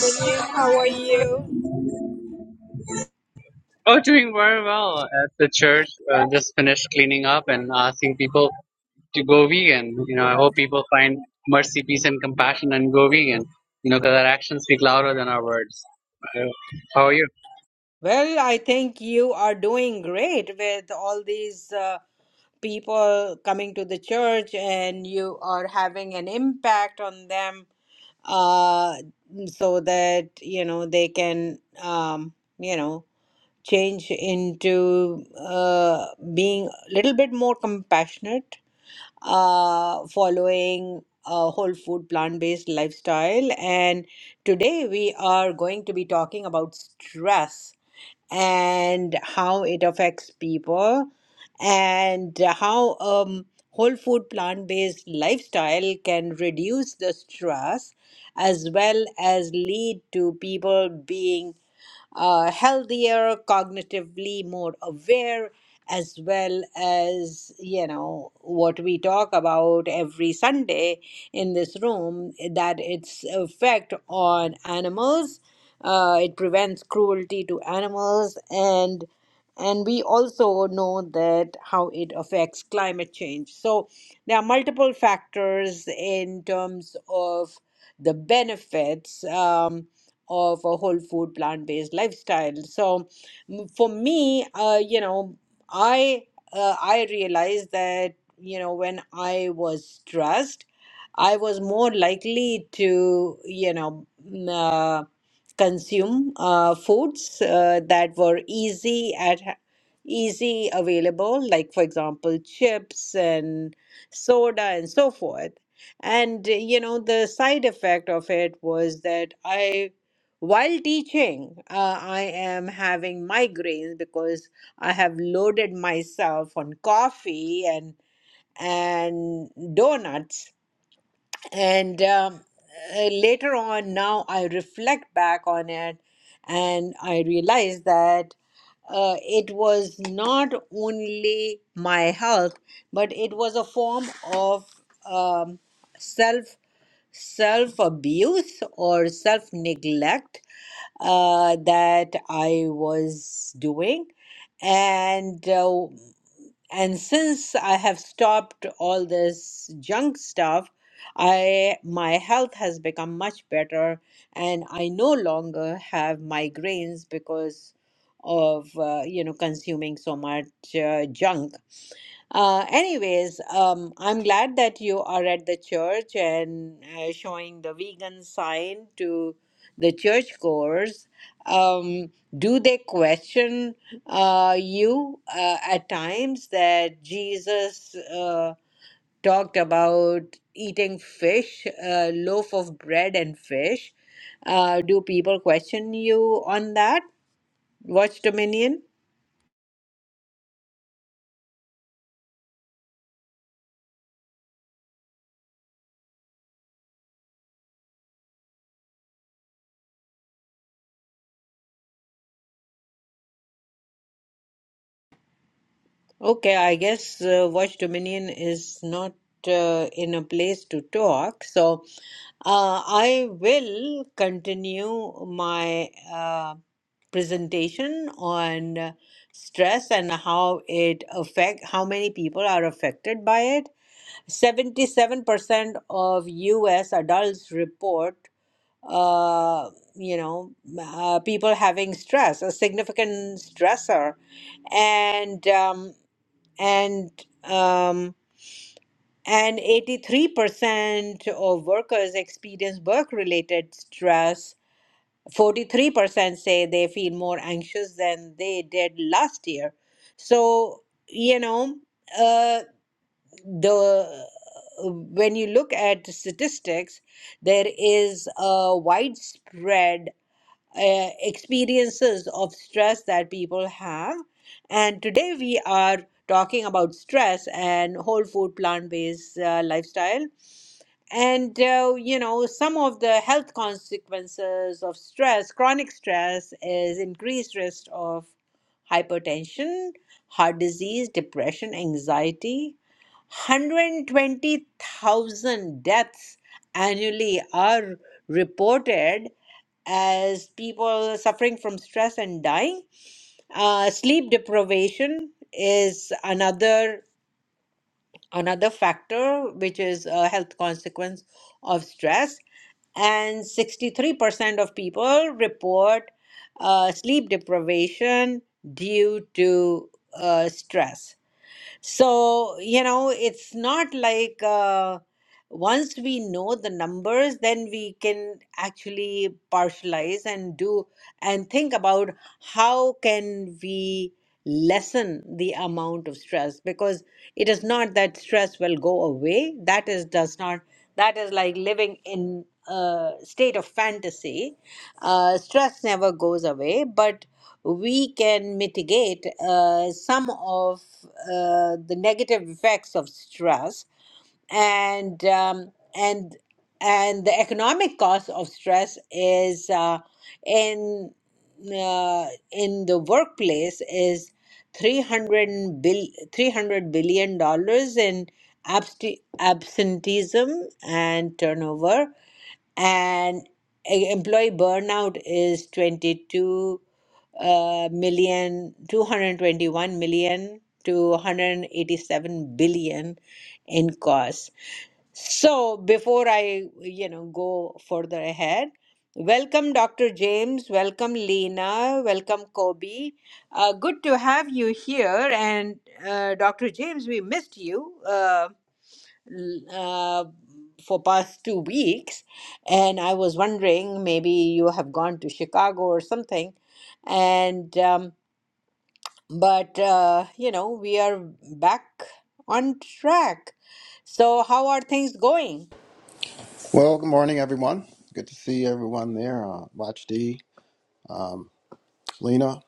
Brilliant. How are you? Oh, doing very well at the church. Uh, just finished cleaning up and asking people to go vegan. You know, I hope people find mercy, peace, and compassion and go vegan. You know, because our actions speak louder than our words. Uh, How are you? Well, I think you are doing great with all these uh, people coming to the church, and you are having an impact on them uh, so that, you know, they can, um, you know, change into uh, being a little bit more compassionate uh, following a whole food plant-based lifestyle. And today we are going to be talking about stress and how it affects people and how um, whole food plant-based lifestyle can reduce the stress as well as lead to people being uh, healthier, cognitively more aware, as well as, you know, what we talk about every Sunday in this room that its effect on animals. Uh, it prevents cruelty to animals and and we also know that how it affects climate change so there are multiple factors in terms of the benefits um, of a whole food plant based lifestyle so m- for me uh, you know i uh, i realized that you know when i was stressed i was more likely to you know m- uh, consume uh, foods uh, that were easy at easy available like for example chips and soda and so forth and uh, you know the side effect of it was that i while teaching, uh, I am having migraines because I have loaded myself on coffee and and donuts. And um, uh, later on, now I reflect back on it, and I realize that uh, it was not only my health, but it was a form of um, self self abuse or self neglect uh, that I was doing, and uh, and since I have stopped all this junk stuff, I my health has become much better, and I no longer have migraines because of uh, you know consuming so much uh, junk uh, anyways, um, I'm glad that you are at the church and uh, showing the vegan sign to the churchgoers. Um, do they question uh, you uh, at times that Jesus uh, talked about eating fish, uh, loaf of bread and fish? Uh, do people question you on that? Watch Dominion? Okay, I guess uh, Watch Dominion is not uh, in a place to talk, so uh, I will continue my uh, presentation on uh, stress and how it affect how many people are affected by it. 77% of US adults report uh, you know, uh, people having stress, a significant stressor. And um, and um, and 83% of workers experience work-related stress. 43% say they feel more anxious than they did last year. So, you know, uh, the when you look at statistics, there is a widespread uh, experiences of stress that people have. And today we are talking about stress and whole food plant based uh, lifestyle. And, uh, you know, some of the health consequences of stress, chronic stress, is increased risk of hypertension, heart disease, depression, anxiety. 120,000 deaths annually are reported as people suffering from stress and dying. Uh, sleep deprivation is another another factor which is a health consequence of stress and 63% of people report uh, sleep deprivation due to uh, stress so, you know, it's not like uh, once we know the numbers, then we can actually partialize and do and think about how can we lessen the amount of stress because it is not that stress will go away. That is does not that is like living in a state of fantasy. Uh, stress never goes away, but we can mitigate uh, some of uh, the negative effects of stress and um, and and the economic cost of stress is uh, in uh, in the workplace is 300 bill 300 billion dollars in absti- absenteeism and turnover and e- employee burnout is 22 uh, million two hundred twenty-one million to 187 billion in cost so before i you know go further ahead welcome dr james welcome lena welcome kobe uh, good to have you here and uh, dr james we missed you Uh, uh, for past two weeks, and I was wondering maybe you have gone to Chicago or something, and um, but uh, you know we are back on track. So how are things going? Well, good morning, everyone. Good to see everyone there. Uh, Watch D, Lena,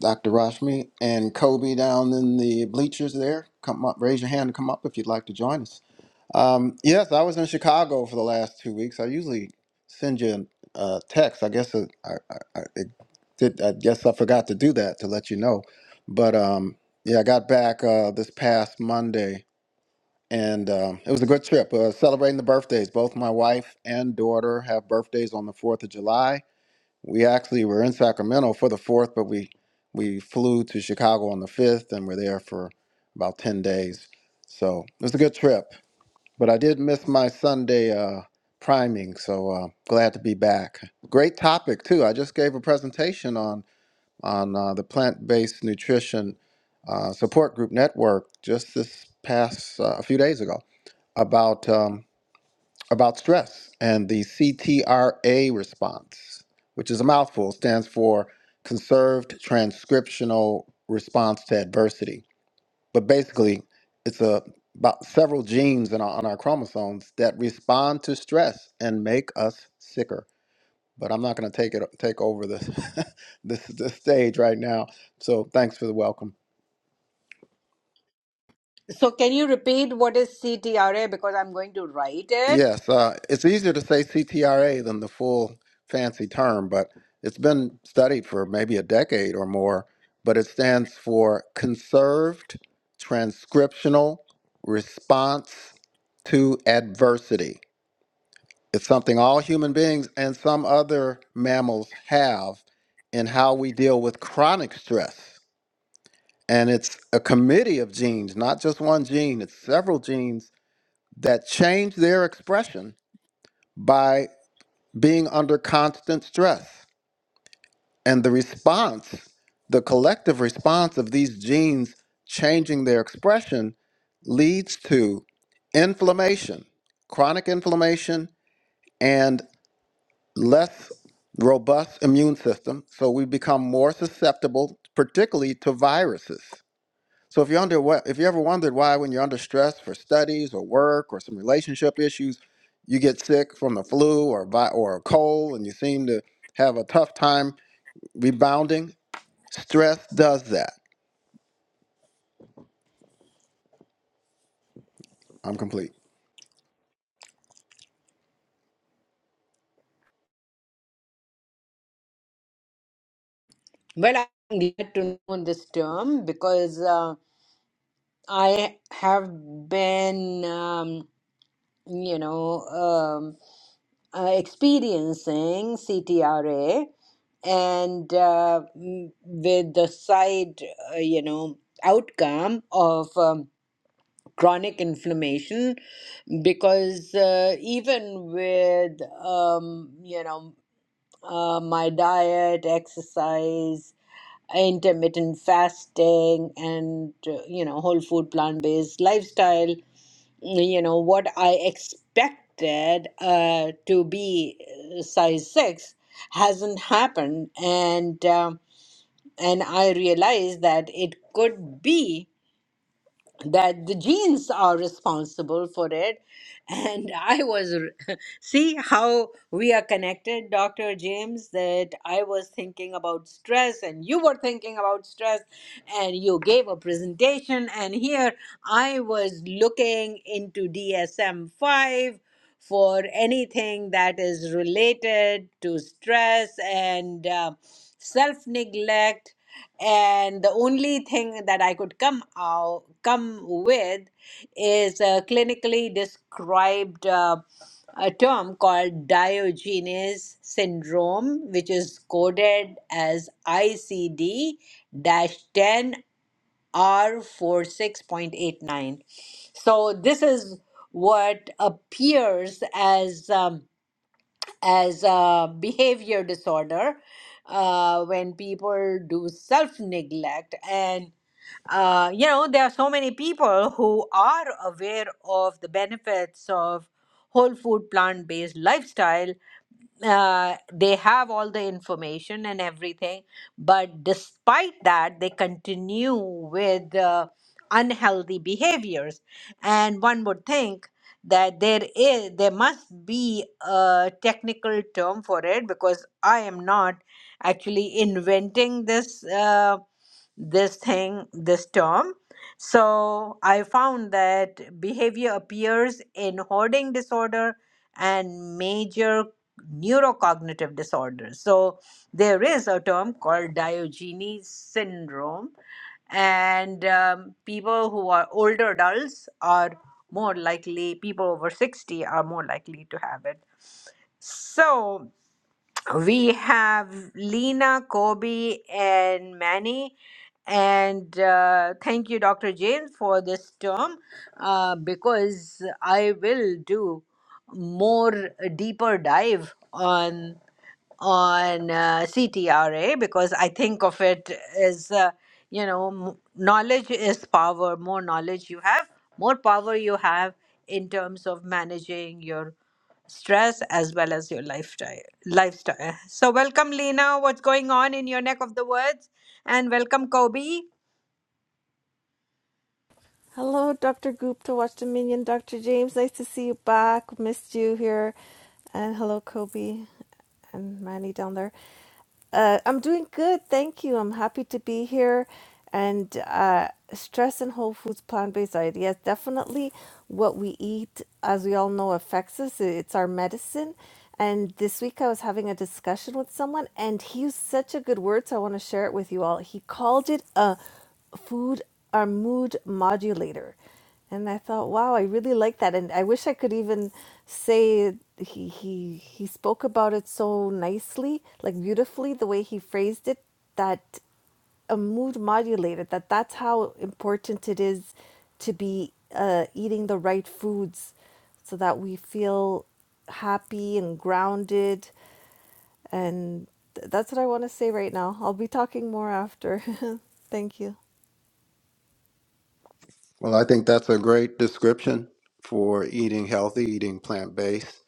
Dr. Rashmi, and Kobe down in the bleachers there. Come up, raise your hand to come up if you'd like to join us. Um, yes, I was in Chicago for the last two weeks. I usually send you a uh, text. I guess it, I, I, I, it did, I guess I forgot to do that to let you know. But um, yeah, I got back uh, this past Monday and um, it was a good trip. Uh, celebrating the birthdays. Both my wife and daughter have birthdays on the Fourth of July. We actually were in Sacramento for the Fourth, but we we flew to Chicago on the fifth, and were there for about ten days. So it was a good trip. But I did miss my Sunday uh, priming, so uh, glad to be back. Great topic too. I just gave a presentation on on uh, the plant based nutrition uh, support group network just this past uh, a few days ago about um, about stress and the CTRA response, which is a mouthful, stands for conserved transcriptional response to adversity. But basically, it's a, about several genes in our, on our chromosomes that respond to stress and make us sicker. But I'm not going to take it take over the, this the stage right now. So thanks for the welcome. So can you repeat what is CTRA because I'm going to write it. Yes, uh, it's easier to say CTRA than the full fancy term, but it's been studied for maybe a decade or more. But it stands for Conserved Transcriptional Response to Adversity. It's something all human beings and some other mammals have in how we deal with chronic stress. And it's a committee of genes, not just one gene, it's several genes that change their expression by being under constant stress. And the response, the collective response of these genes changing their expression, leads to inflammation, chronic inflammation, and less robust immune system. So we become more susceptible, particularly to viruses. So if you under what if you ever wondered why when you're under stress for studies or work or some relationship issues, you get sick from the flu or vi- or a cold and you seem to have a tough time rebounding, stress does that. I'm complete. Well, I'm glad to know this term because uh, I have been um, you know. um, uh, experiencing CTRA and uh, m- with the side, uh, you know, outcome of um, chronic inflammation because uh, even with, um, you know, uh, my diet, exercise, intermittent fasting, and, uh, you know, whole food plant based lifestyle, you know what I expected uh, to be uh, size six hasn't happened, and um, and I realized that it could be that the genes are responsible for it. And I was, r- see how we are connected, Dr. James, that I was thinking about stress and you were thinking about stress and you gave a presentation. And here I was looking into DSM 5 for anything that is related to stress and uh, self neglect and the only thing that I could come out come with is a clinically described uh, a term called Diogenes syndrome, which is coded as ICD-10 R46.89. So this is what appears as um, as a behavior disorder uh, when people do self neglect. And, uh, you know, there are so many people who are aware of the benefits of whole food plant based lifestyle uh, they have all the information and everything, but despite that, they continue with uh, unhealthy behaviors. And one would think that there is there must be a technical term for it because I am not actually inventing this. Uh, this thing this term so i found that behavior appears in hoarding disorder and major neurocognitive disorders so there is a term called diogenes syndrome and um, people who are older adults are more likely people over 60 are more likely to have it so we have Lena, Kobe, and Manny. And uh, thank you, Dr. James, for this term uh, because I will do more uh, deeper dive on on uh, CTRA because I think of it as uh, you know m- knowledge is power. More knowledge you have, more power you have in terms of managing your stress as well as your lifestyle lifestyle so welcome lena what's going on in your neck of the woods and welcome kobe Hello, Dr. Gupta, Watch Dominion. Dr. James, nice to see you back. Missed you here. And hello, Kobe and Manny down there. Uh, I'm doing good, thank you. I'm happy to be here. And uh, stress and whole foods, plant based diet. Yes, definitely what we eat, as we all know, affects us. It's our medicine. And this week I was having a discussion with someone, and he used such a good word, so I want to share it with you all. He called it a food, our mood modulator. And I thought, wow, I really like that. And I wish I could even say he he he spoke about it so nicely, like beautifully, the way he phrased it, that a mood modulator, that that's how important it is to be uh, eating the right foods so that we feel happy and grounded. And th- that's what I want to say right now. I'll be talking more after. Thank you. Well, I think that's a great description for eating healthy, eating plant-based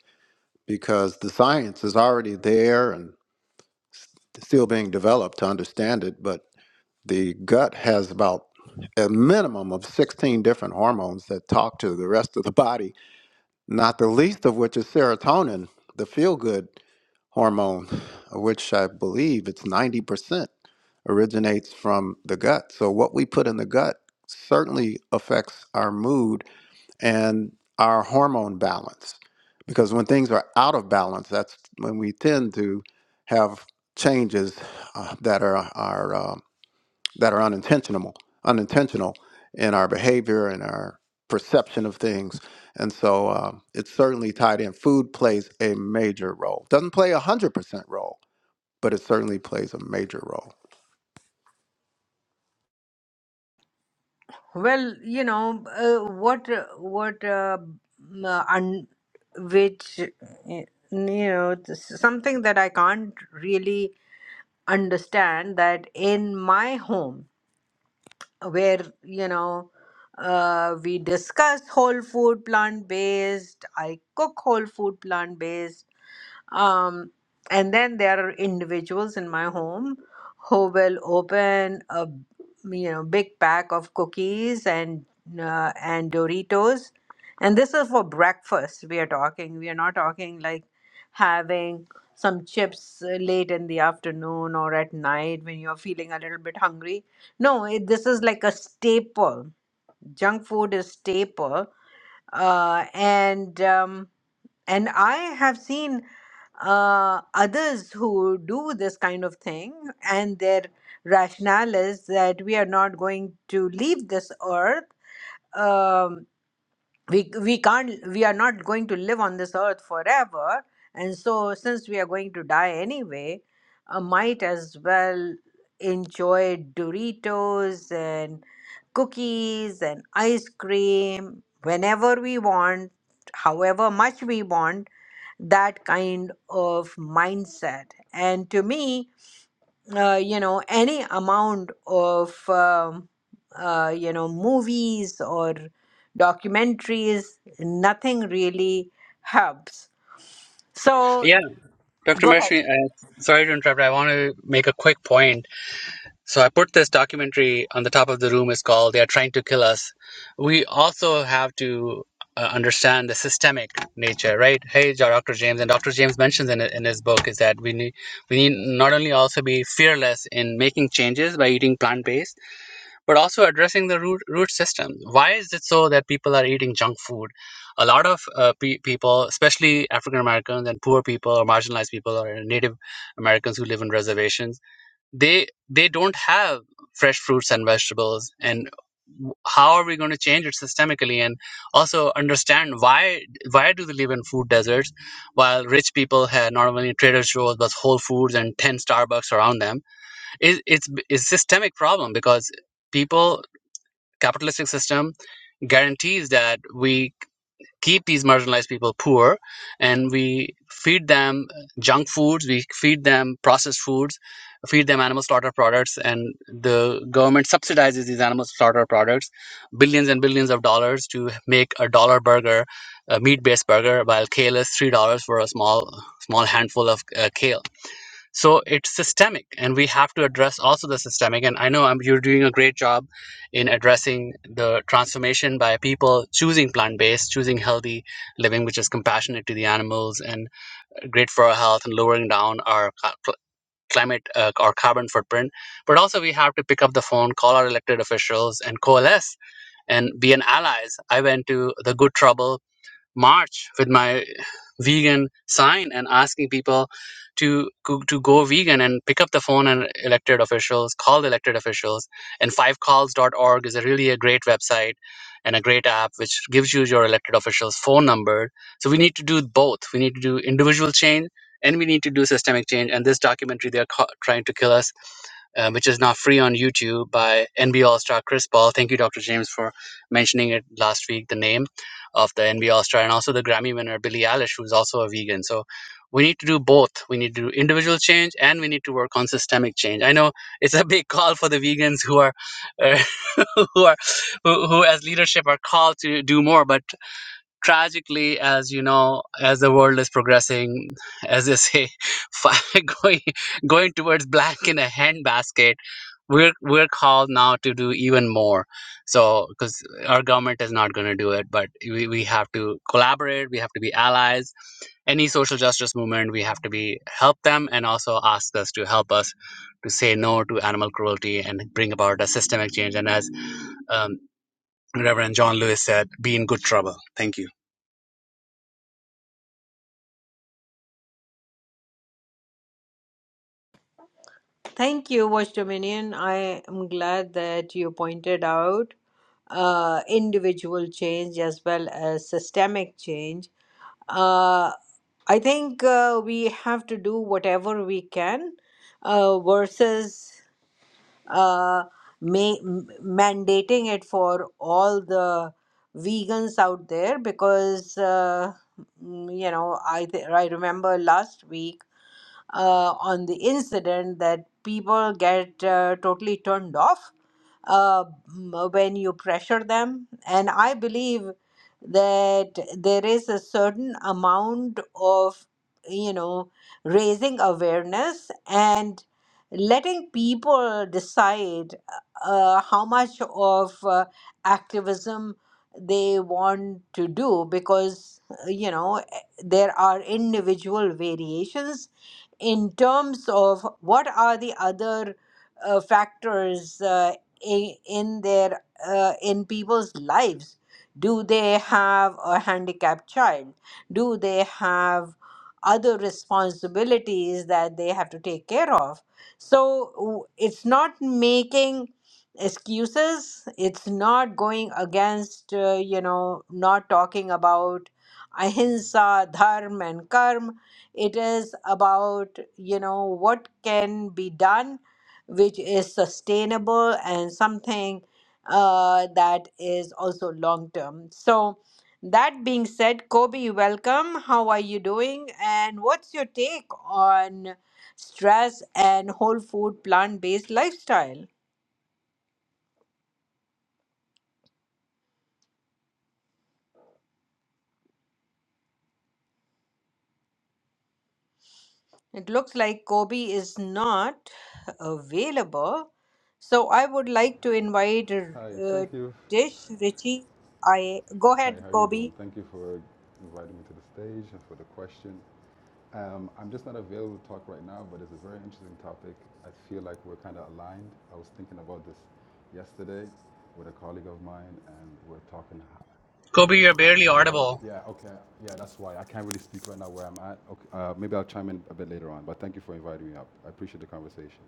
because the science is already there and still being developed to understand it, but The gut has about a minimum of 16 different hormones that talk to the rest of the body, not the least of which is serotonin, the feel good hormone, which I believe it's 90% originates from the gut. So, what we put in the gut certainly affects our mood and our hormone balance. Because when things are out of balance, that's when we tend to have changes uh, that are, are uh, that are unintentional, unintentional in our behavior and our perception of things. And so um, it's certainly tied in. Food plays a major role. Doesn't play a hundred percent role, but it certainly plays a major role. well you know uh, what uh, what uh, m- uh, un, which uh, you know this is something that i can't really understand that in my home where you know uh, we discuss whole food plant based i cook whole food plant based Um, and then there are individuals in my home who will open a you know big pack of cookies and uh, and Doritos, and this is for breakfast. We are talking. We are not talking like having some chips uh, late in the afternoon or at night when you're feeling a little bit hungry. No, it, this is like a staple. Junk food is staple, uh, and um, and I have seen uh, others who do this kind of thing, and their rationale is that we are not going to leave this earth. Um, we we can't we are not going to live on this earth forever and so since we are going to die anyway i might as well enjoy doritos and cookies and ice cream whenever we want however much we want that kind of mindset and to me uh, you know any amount of um, uh, you know movies or documentaries nothing really helps so Yeah, Dr. go ahead Mershmi, uh, sorry to interrupt. I want to make a quick point. So I put this documentary on the top of the room. It's called "They Are Trying to Kill Us." We also have to uh, understand the systemic nature, right? Hey, Ja- Dr. James, and Dr. James mentions in in his book is that we need we need not only also be fearless in making changes by eating plant based, but also addressing the root root system. Why is it so that people are eating junk food? A lot of uh, pe- people, especially African Americans and poor people or marginalized people or Native Americans who live in reservations they they don't have fresh fruits and vegetables and how are we going to change it systemically and also understand why why do they live in food deserts while rich people have not only trader joe's but whole foods and 10 starbucks around them it, it's it's systemic problem because people capitalistic system guarantees that we keep these marginalized people poor and we feed them junk foods, we feed them processed foods, feed them animal slaughter products, and the government subsidizes these animal slaughter products billions and billions of dollars to make a dollar burger, a meat based burger, while kale is $3 for a small small handful of uh, kale so it's systemic and we have to address also the systemic and i know i you're doing a great job in addressing the transformation by people choosing plant-based choosing healthy living which is compassionate to the animals and great for our health and lowering down our ca- cl- climate uh, or carbon footprint but also we have to pick up the phone call our elected officials and coalesce and be an allies i went to the good trouble march with my vegan sign and asking people to go- to go vegan and pick up the phone and elected officials call the elected officials and fivecalls.org is a really a great website and a great app which gives you your elected officials phone number so we need to do both we need to do individual change and we need to do systemic change and this documentary they're ca- trying to kill us uh, which is now free on youtube by NBA all-star chris paul thank you dr james for mentioning it last week the name of the NV star and also the Grammy winner Billie Eilish, who's also a vegan. So we need to do both. We need to do individual change and we need to work on systemic change. I know it's a big call for the vegans who are uh, who are who, who as leadership are called to do more, but tragically as you know as the world is progressing as they say fi- going going towards black in a handbasket we're we're called now to do even more so because our government is not going to do it but we, we have to collaborate we have to be allies any social justice movement we have to be help them and also ask us to help us to say no to animal cruelty and bring about a systemic change and as um, reverend john lewis said be in good trouble thank you thank you watch dominion i am glad that you pointed out uh, individual change as well as systemic change uh, i think uh, we have to do whatever we can uh, versus uh, ma- m- mandating it for all the vegans out there because uh, mm, you know I th- I remember last week uh, on the incident that people get uh, totally turned off uh, when you pressure them. And I believe that there is a certain amount of, you know, raising awareness and letting people decide uh, how much of uh, activism they want to do because, uh, you know, eh, there are individual variations in terms of what are the other uh, factors uh, i- in their uh, in people's lives do they have a handicapped child do they have other responsibilities that they have to take care of so w- it's not making excuses it's not going against uh, you know not talking about ahimsa dharma and karma it is about you know what can be done which is sustainable and something uh, that is also long term so that being said kobe welcome how are you doing and what's your take on stress and whole food plant based lifestyle It looks like Kobe is not available. So I would like to invite Hi, uh, thank you. Tish Richie IA. Go Hi, ahead, how are you Kobe. doing? Thank you for inviting me to the stage and for the question. Um, I'm just not available to talk right now, but it's a very interesting topic. I feel like we're kind of aligned. I was thinking about this yesterday with a colleague of mine, and we're talking. Kobe, you're barely Hello? audible. Yeah, okay. Yeah, that's why. I can't really speak right now where I'm at. Okay, uh, maybe I'll chime in a bit later on, but thank you for inviting me up. I appreciate the conversation.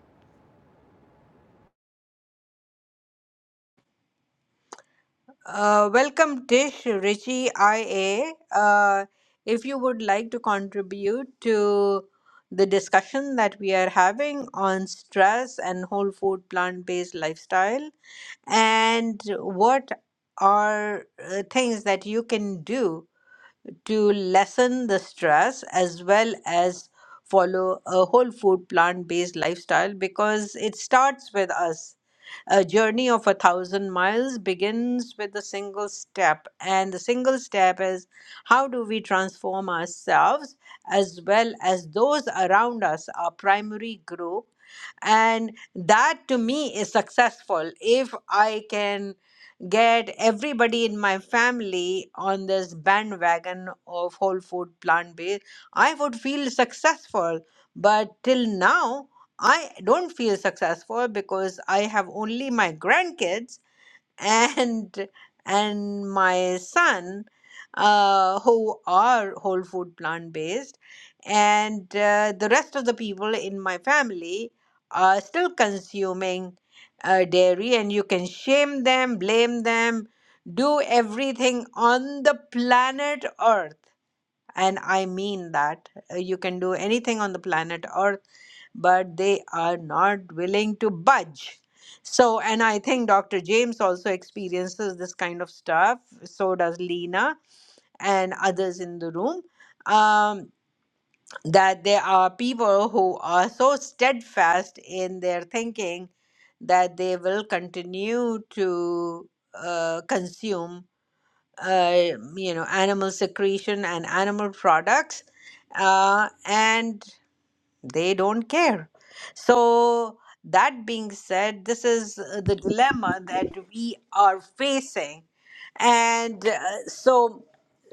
Uh, welcome, Tish Richie IA. Uh, if you would like to contribute to the discussion that we are having on stress and whole food plant based lifestyle, and what are uh, things that you can do to lessen the stress as well as follow a whole food plant based lifestyle because it starts with us. A journey of a thousand miles begins with a single step, and the single step is how do we transform ourselves as well as those around us, our primary group and that to me is successful if i can get everybody in my family on this bandwagon of whole food plant based i would feel successful but till now i don't feel successful because i have only my grandkids and and my son uh, who are whole food plant based and uh, the rest of the people in my family are still consuming uh, dairy and you can shame them blame them do everything on the planet earth and I mean that uh, you can do anything on the planet Earth, but they are not willing to budge. So, and I think Dr. James also experiences this kind of stuff. So does Lena and others in the room. Um, that there are people who are so steadfast in their thinking that they will continue to uh, consume uh, you know animal secretion and animal products uh, and they don't care so that being said this is uh, the dilemma that we are facing and uh, so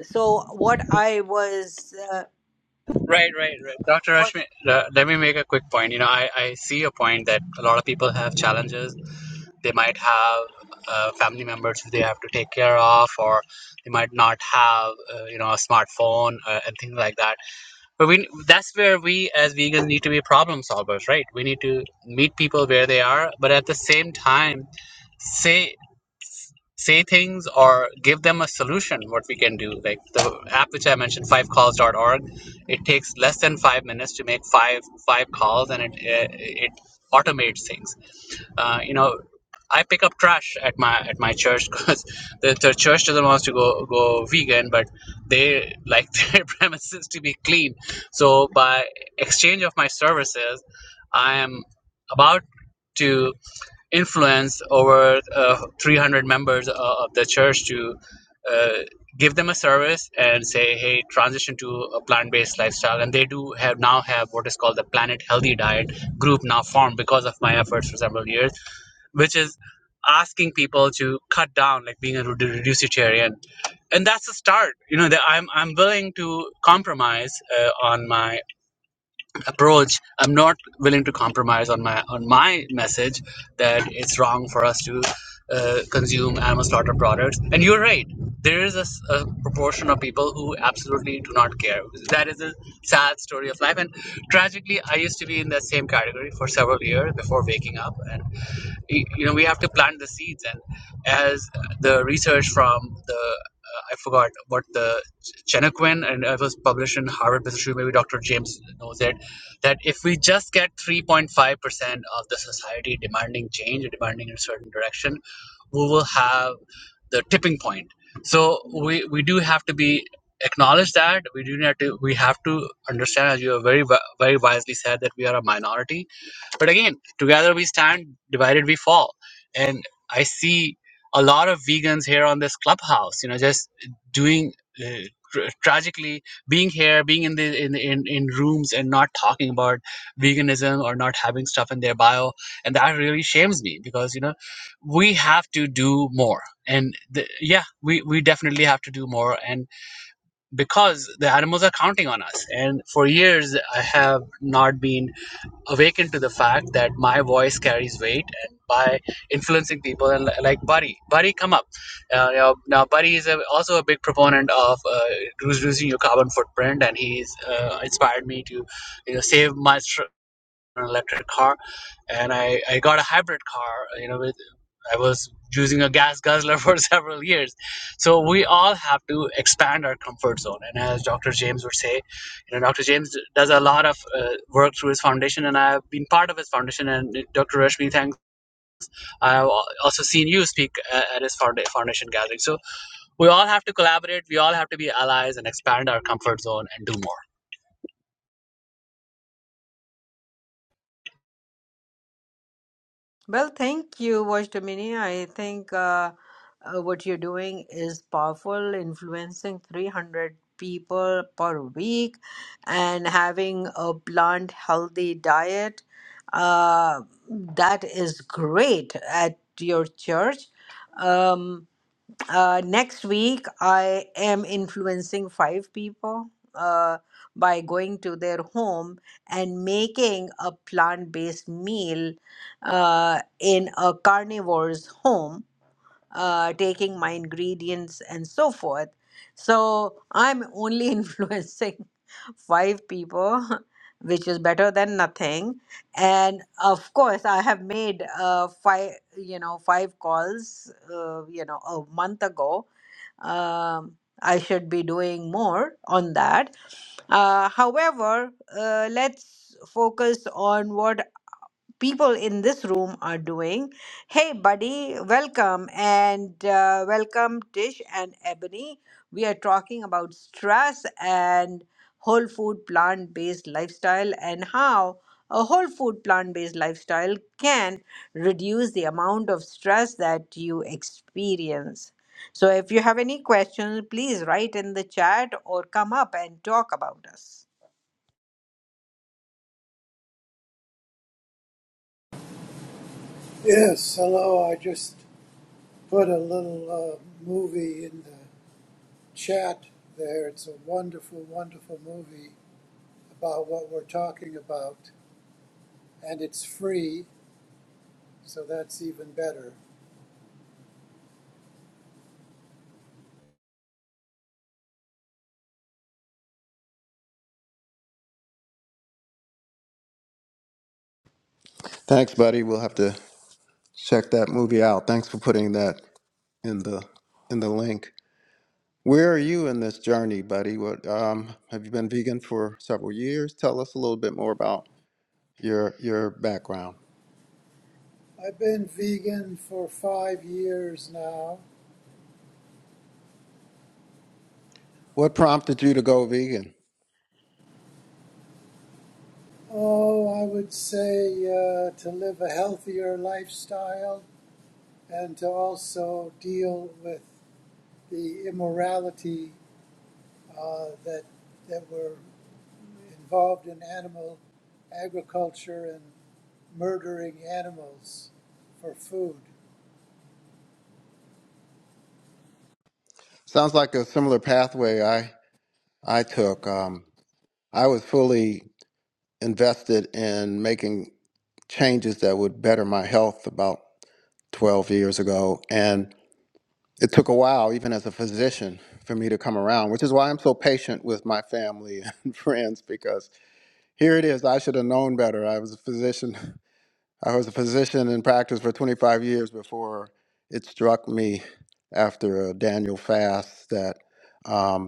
so what i was uh, Right, right, right. Dr. what Rashmi, uh, let me make a quick point. You know, I, I see a point that a lot of people have challenges. They might have uh, family members who they have to take care of, or they might not have, uh, you know, a smartphone uh, and things like that. But we that's where we as vegans need to be problem solvers, right? We need to meet people where they are, but at the same time, say say things or give them a solution what we can do like the app which i mentioned fivecalls.org it takes less than five minutes to make five five calls and it it, it automates things uh, you know i pick up trash at my at my church because the, the church doesn't want to go go vegan but they like their premises to be clean so by exchange of my services i am about to Influence over uh, 300 members uh, of the church to uh, give them a service and say hey transition to a plant-based lifestyle and they do have now have what is called the planet healthy diet group now formed because of my efforts for several years which is asking people to cut down like being a redu- reducitarian and that's a start you know that i'm i'm willing to compromise uh, on my approach i'm not willing to compromise on my on my message that it's wrong for us to uh, consume animal slaughter products and you're right there is a, s- a proportion of people who absolutely do not care that is a sad story of life and tragically i used to be in that same category for several years before waking up and y- you know we have to plant the seeds and as the research from the uh, i forgot what the Chenequin and it was published in harvard business review maybe dr james knows it that if we just get 3.5% of the society demanding change or demanding in a certain direction we will have the tipping point so we we do have to be acknowledge that we do need to we have to understand as you have very wi- very wisely said that we are a minority but again, together we stand, divided we fall. And I see a lot of vegans here on this clubhouse, you know, just doing uh, tr- tragically being here, being in the in, in in rooms and not talking about veganism or not having stuff in their bio, and that really shames me because you know we have to do more. And the, yeah, we we definitely have to do more, and because the animals are counting on us. And for years, I have not been awakened to the fact that my voice carries weight and by influencing people and li- like Buddy, Buddy come up. Uh, you know, now Buddy is a, also a big proponent of uh, reducing your carbon footprint and he's uh, inspired me to you know save my an electric car, and I, I got a hybrid car. You know, with I was using a gas guzzler for several years. So we all have to expand our comfort zone. And as Dr. James would say, you know, Dr. James does a lot of uh, work through his foundation, and I've been part of his foundation. And Dr. Rashmi, thanks. I've al- also seen you speak a- at his founda- foundation gathering. So we all have to collaborate. We all have to be allies and expand our comfort zone and do more. Well, thank you, Watch I think uh, uh, what you're doing is powerful, influencing 300 people per week and having a bland, healthy diet. Uh, that is great at your church. Um, uh, next week i am influencing five people uh, by going to their home and making a plant-based meal uh, in a carnivore's home uh, taking my ingredients and so forth so i'm only influencing five people which is better than nothing and of course i have made uh, five you know five calls uh, you know a month ago um, I should be doing more on that. Uh, however, uh, let's focus on what people in this room are doing. Hey, buddy, welcome and uh, welcome, Tish and Ebony. We are talking about stress and whole food plant based lifestyle and how a whole food plant based lifestyle can reduce the amount of stress that you experience. So, if you have any questions, please write in the chat or come up and talk about us. Yes, hello. I just put a little uh, movie in the chat there. It's a wonderful, wonderful movie about what we're talking about, and it's free, so that's even better. Thanks, buddy. We'll have to check that movie out. Thanks for putting that in the in the link. Where are you in this journey, buddy? What um, have you been vegan for several years? Tell us a little bit more about your your background. I've been vegan for five years now. What prompted you to go vegan? Oh, I would say uh, to live a healthier lifestyle and to also deal with the immorality uh, that, that were involved in animal agriculture and murdering animals for food. Sounds like a similar pathway I I took. Um, I was fully invested in making changes that would better my health about 12 years ago, and it took a while, even as a physician, for me to come around, which is why I'm so patient with my family and friends because here it is. I should have known better. I was a physician. I was a physician in practice for 25 years before it struck me after a Daniel fast that. um,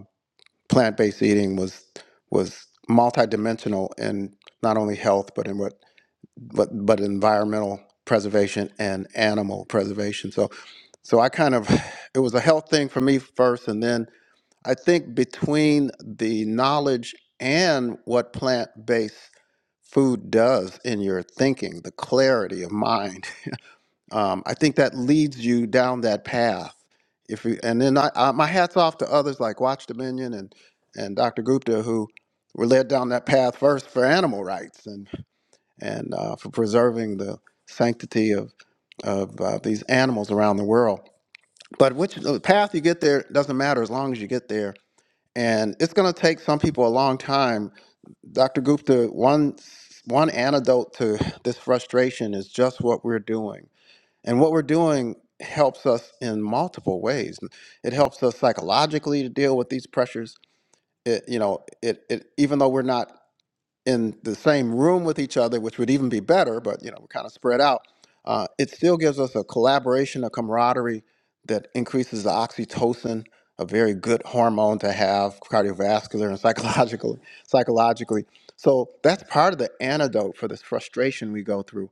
plant-based eating was was multidimensional in not only health but in what but but environmental preservation and animal preservation so so i kind of it was a health thing for me first and then i think between the knowledge and what plant-based food does in your thinking the clarity of mind um, I think that leads you down that path. If you, and then I, I, my hats off to others like Watch Dominion and and Dr. Gupta who were led down that path first for animal rights and and uh, for preserving the sanctity of of uh, these animals around the world. But which the path you get there doesn't matter as long as you get there. And it's going to take some people a long time. Dr. Gupta, one one antidote to this frustration is just what we're doing and what we're doing helps us in multiple ways. It helps us psychologically to deal with these pressures. It, you know, it, it even though we're not in the same room with each other, which would even be better, but you know, we're kind of spread out. Uh, it still gives us a collaboration, a camaraderie that increases the oxytocin, a very good hormone to have cardiovascular and psychologically. Psychologically, so that's part of the antidote for this frustration we go through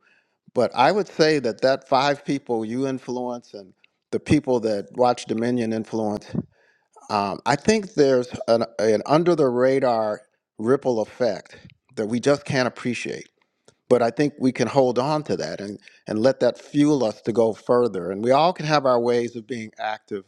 but I would say that that five people you influence and the people that Watch Dominion influence, um, I think there's an, an under the radar ripple effect that we just can't appreciate. But I think we can hold on to that and, and let that fuel us to go further. And we all can have our ways of being active.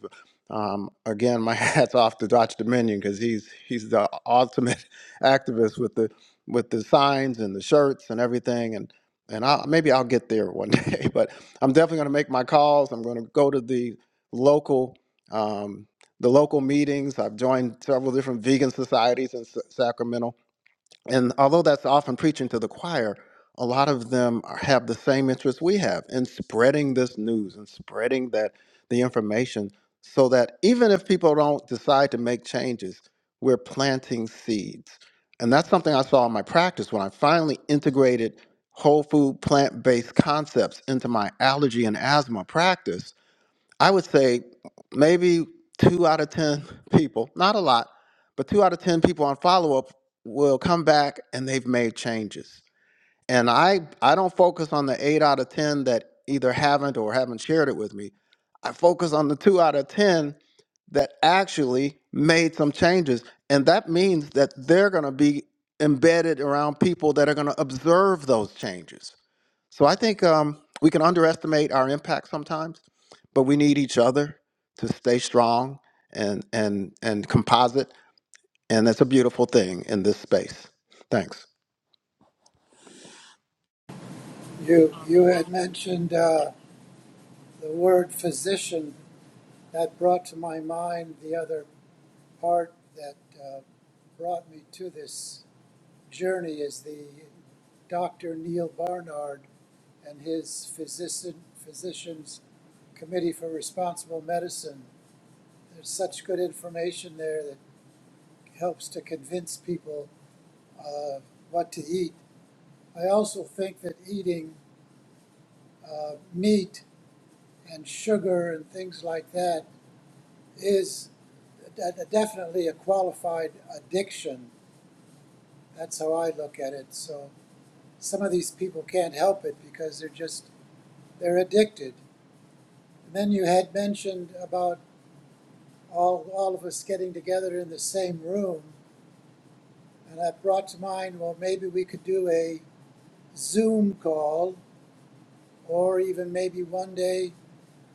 Um, again, my hat's off to Dr. Dominion because he's he's the ultimate activist with the with the signs and the shirts and everything. And and I, maybe I'll get there one day. But I'm definitely going to make my calls. I'm going to go to the local um, the local meetings. I've joined several different vegan societies in Sa- Sacramento and although that's often preaching to the choir, a lot of them are- have the same interest we have in spreading this news and spreading that the information so that even if people don't decide to make changes, we're planting seeds. And that's something I saw in my practice when I finally integrated whole food plant based concepts into my allergy and asthma practice I would say maybe two out of 10 people, not a lot, but two out of 10 people on follow up will come back and they've made changes. And I, I don't focus on the eight out of 10 that either haven't or haven't shared it with me. I focus on the two out of 10 that actually made some changes. And that means that they're going to be embedded around people that are going to observe those changes. So I think um, we can underestimate our impact sometimes, but we need each other to stay strong and and and composite, and that's a beautiful thing in this space. Thanks. You, you had mentioned uh, the word physician. That brought to my mind the other part that uh, brought me to this journey is the Dr. Neil Barnard and his physician, Physicians Committee for Responsible Medicine there's such good information there that helps to convince people uh, what to eat. I also think that eating uh, meat and sugar and things like that is de- definitely a qualified addiction. That's how I look at it. So some of these people can't help it because they're just they're addicted. And then you had mentioned about all all of us getting together in the same room And I brought to mind, well, maybe we could do a Zoom call, or even maybe one day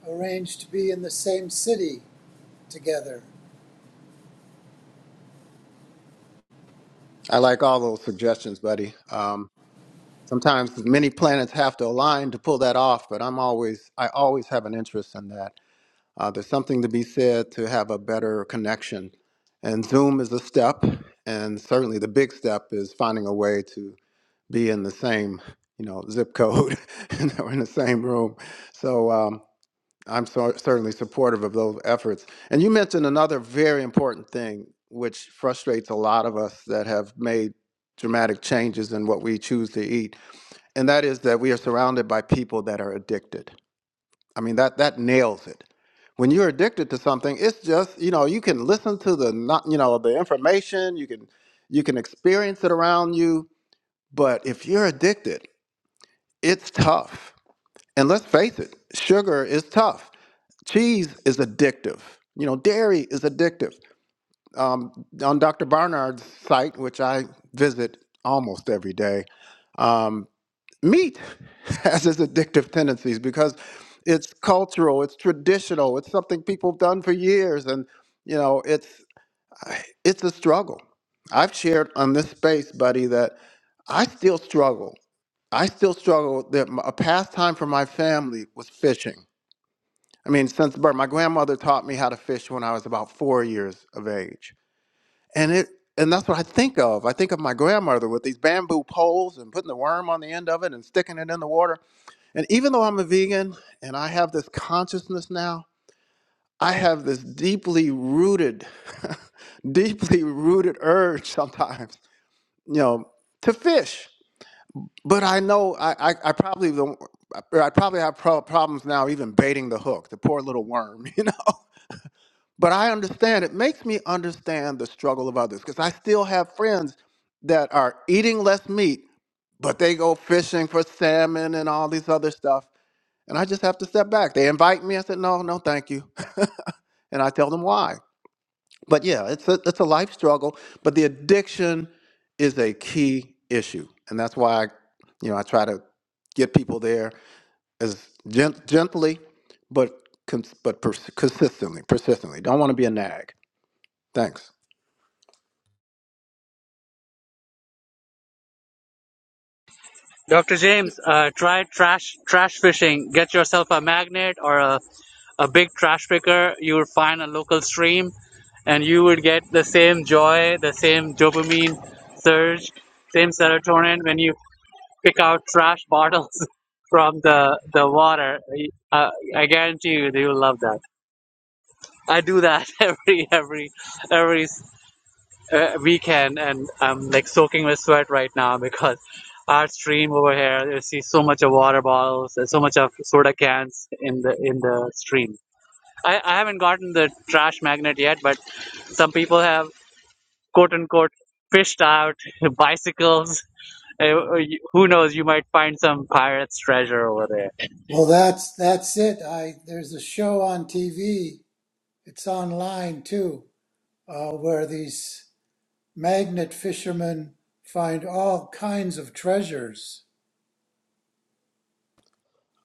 arrange to be in the same city together. I like all those suggestions, buddy. Um, sometimes many planets have to align to pull that off, but I'm always I always have an interest in that. Uh, there's something to be said to have a better connection, and Zoom is a step, and certainly the big step is finding a way to be in the same, you know, zip code and that we're in the same room. So um, I'm so, certainly supportive of those efforts. And you mentioned another very important thing, which frustrates a lot of us that have made dramatic changes in what we choose to eat, and that is that we are surrounded by people that are addicted. I mean, that that nails it. When you're addicted to something, it's just you know you can listen to the not you know the information you can you can experience it around you, but if you're addicted it's tough. And let's face it, sugar is tough. Cheese is addictive. You know, dairy is addictive. Um, on Dr. Barnard's site, which I visit almost every day, um, meat has its addictive tendencies because it's cultural, it's traditional, it's something people have done for years, and you know, it's it's a struggle. I've shared on this space, buddy, that I still struggle. I still struggle that m- a pastime for my family was fishing. I mean, since birth, my grandmother taught me how to fish when I was about four years of age, and it and that's what I think of. I think of my grandmother with these bamboo poles and putting the worm on the end of it and sticking it in the water. And even though I'm a vegan and I have this consciousness now, I have this deeply rooted, deeply rooted urge sometimes, you know, to fish But I know I, I, I probably don't. I I probably have pro- problems now even baiting the hook, the poor little worm, you know. But I understand. It makes me understand the struggle of others because I still have friends that are eating less meat, but they go fishing for salmon and all these other stuff. And I just have to step back. They invite me. I said, no, no, thank you. and I tell them why. But yeah, it's a, it's a life struggle. But the addiction is a key issue. And that's why, I, you know, I try to get people there as gent- gently, but cons- but pers- consistently, persistently. Don't want to be a nag. Thanks. Dr. James, uh, try trash trash fishing. Get yourself a magnet or a, a big trash picker. You will find a local stream, and you would get the same joy, the same dopamine surge, same serotonin when you pick out trash bottles from the the water. Uh, I guarantee you, you will love that. I do that every every every uh, weekend, and I'm like soaking with sweat right now because our stream over here, you see so much of water bottles and so much of soda cans in the in the stream. I, I haven't gotten the trash magnet yet, but some people have quote unquote fished out bicycles. Uh, you- who knows? You might find some pirate's treasure over there. Well, that's that's it. I there's a show on TV. It's online too, uh, where these magnet fishermen find all kinds of treasures.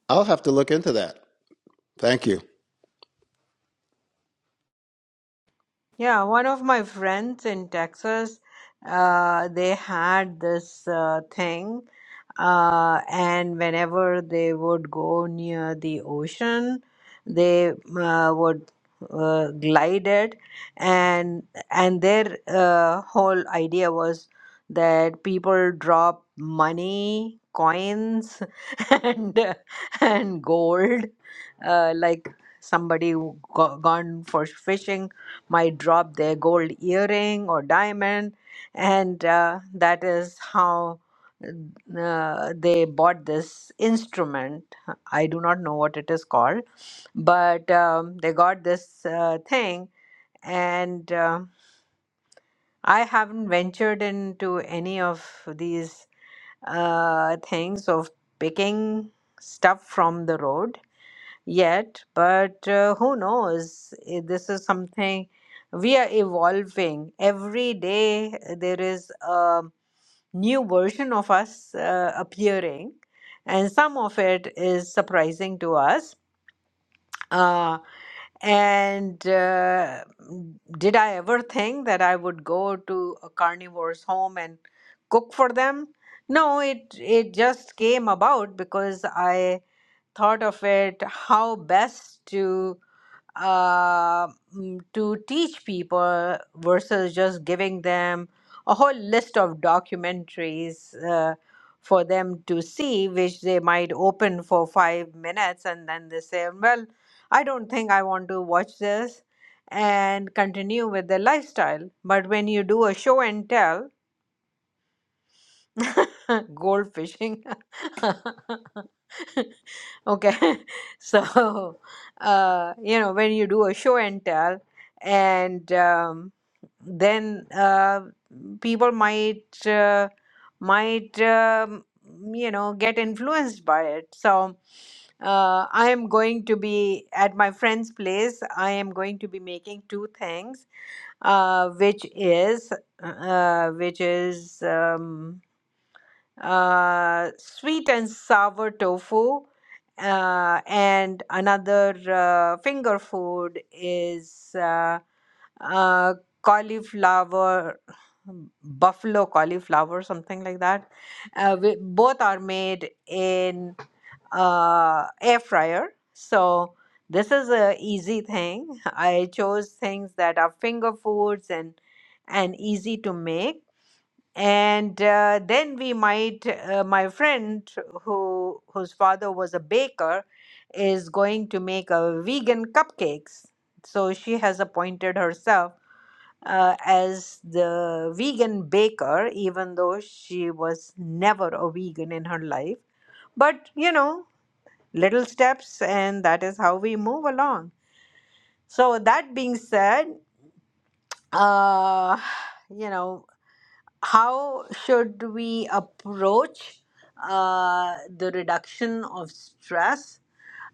I'll have to look into that. Thank you. Yeah, one of my friends in Texas, uh, they had this uh, thing, uh, and whenever they would go near the ocean, they uh, would uh, glide it, and and their uh, whole idea was that people drop money, coins, and and gold, uh, like somebody who go gone for fishing might drop their gold earring or diamond, and uh, that is how uh, they bought this instrument. I do not know what it is called, but um, they got this uh, thing, and um I haven't ventured into any of these uh, things of picking stuff from the road yet, but uh, who knows? Eh, This is something we are evolving. Every day eh, there is a new version of us uh, appearing, and some of it is surprising to us. Uh, and uh, did I ever think that I would go to a carnivore's home and cook for them? No, it it just came about because I thought of it how best to uh, mm, to teach people versus just giving them a whole list of documentaries uh, for them to see, which they might open for five minutes and then they say, Well, I don't think I want to watch this and continue with their lifestyle. But when you do a show and tell, Gold fishing. okay. So, uh, you know, when you do a show and tell, and um, then uh, people might uh, might um, you know get influenced by it. So, uh, I am going to be at my friend's place. I am going to be making two things, uh, which is uh, uh, which is. Um, uh, sweet and sour tofu, uh, and another uh, finger food is uh, uh, cauliflower, buffalo cauliflower, something like that. Uh, we, both are made in uh, air fryer, so. This is a easy thing. I chose things that are finger foods and and easy to make and uh, then we might uh, my friend who whose father was a baker is going to make a vegan cupcakes so she has appointed herself uh, as the vegan baker even though she was never a vegan in her life but you know little steps and that is how we move along so that being said uh you know how should we approach uh, the reduction of stress,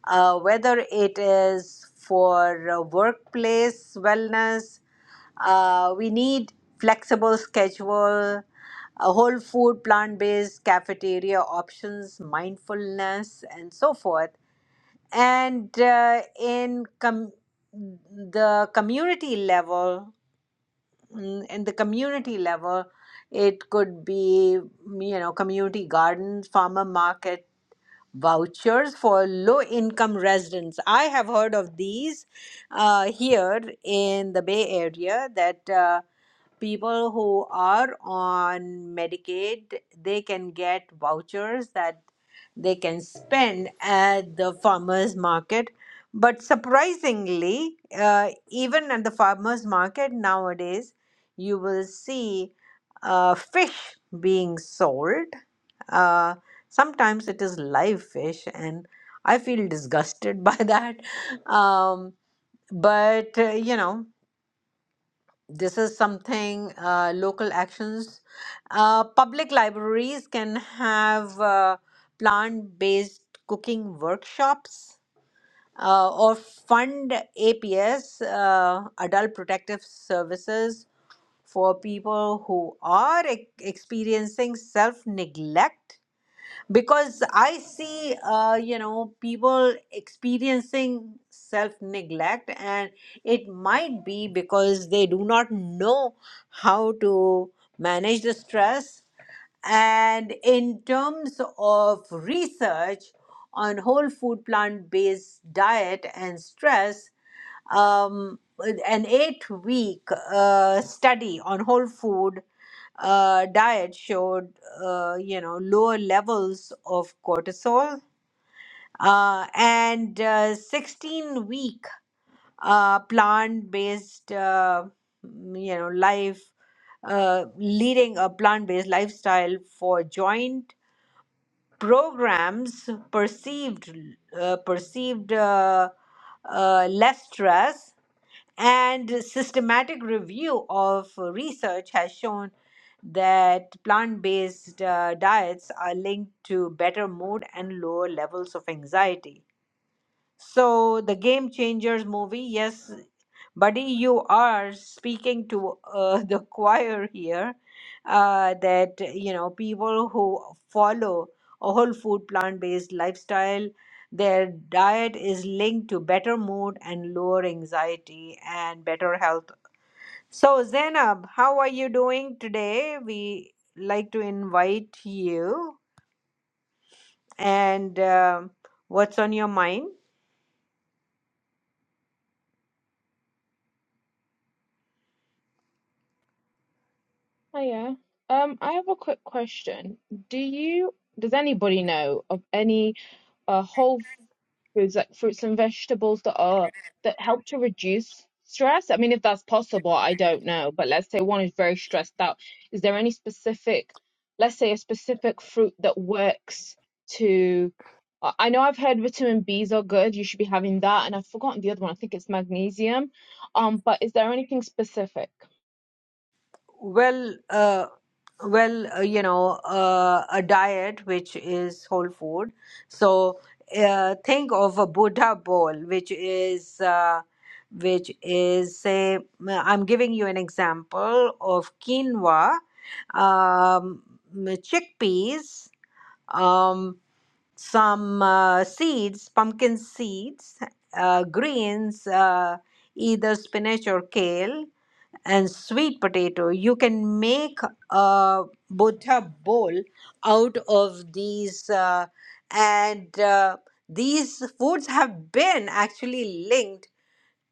uh, whether it is for uh, workplace wellness? Uh, we need flexible schedule, uh, whole food, plant based cafeteria options, mindfulness, and so forth. And uh, in com- the community level, mm, in the community level, it could be, mm, you know, community gardens, farmer market vouchers for low income residents. I have heard of these uh, here in the Bay Area that uh, people who are on Medicaid, they can get vouchers that they can spend at the farmers market but surprisingly uh, even at the farmers market nowadays you will see uh, fish being sold uh, sometimes it is live fish and i feel disgusted by that um, but uh, you know this is something uh, local actions. Uh, public libraries can have uh, plant based cooking workshops uh, or fund APS, uh, Adult Protective Services, for people who are e- experiencing self neglect because i see uh, you know people experiencing self neglect and it might be because they do not know how to manage the stress and in terms of research on whole food plant based diet and stress um, an eight week uh, study on whole food uh, diet showed uh, you know lower levels of cortisol uh, and uh, 16 week uh, plant based uh, mm, you know life uh, leading a plant based lifestyle for joint programs perceived uh, perceived uh, uh, less stress and systematic review of research has shown that plant based uh, diets are linked to better mood and lower levels of anxiety so the Game Changers movie, yes, buddy, you are speaking to uh, the choir here. Uh, that you know, people who follow a whole food plant-based lifestyle, their diet is linked to better mood and lower anxiety and better health. So Zainab, how are you doing today? We like to invite you, and um what's on your mind? Hiya. Um, I have a quick question. Do you, does anybody know of any uh whole foods like fruits and vegetables that are that help to reduce stress? I mean, if that's possible, I don't know. But let's say one is very stressed out. Is there any specific, let's say a specific fruit that works to I I know I've heard vitamin B's are good. You should be having that, and I've forgotten the other one. I think it's magnesium. Um, but is there anything specific? Well, uh, well, uh, you know, uh, a diet which is whole food. So uh, think of a Buddha bowl, which is uh, which is say I'm giving you an example of quinoa, um, chickpeas, um, some uh, seeds, pumpkin seeds, uh, greens, uh, either spinach or kale and sweet potato. You can make a bota bowl out of these, uh, and uh, these foods have been actually linked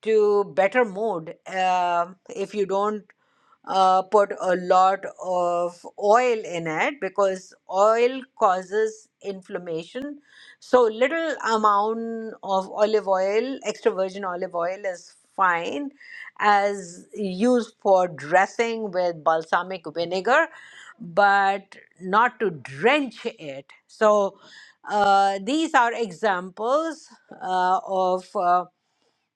to better mood. Uh, if you don't uh, put a lot of oil in it because oil causes inflammation. So little amount of olive oil, extra virgin olive oil is fine as used for dressing with balsamic vinegar, but not to drench it. So uh, these are examples uh, of. uh,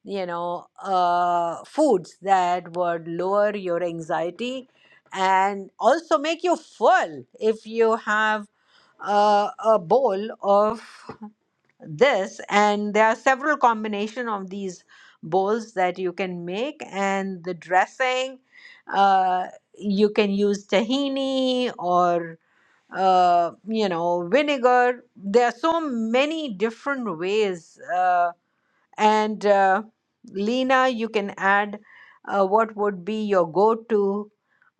you know, uh, foods that would lower your anxiety and also make you full if you have uh, a bowl of this. And there are several combination of these bowls that you can make, and the dressing. Uh, you can use tahini or uh, you know vinegar. There are so many different ways. Uh, and uh, Lena, you can add uh, what would be your go to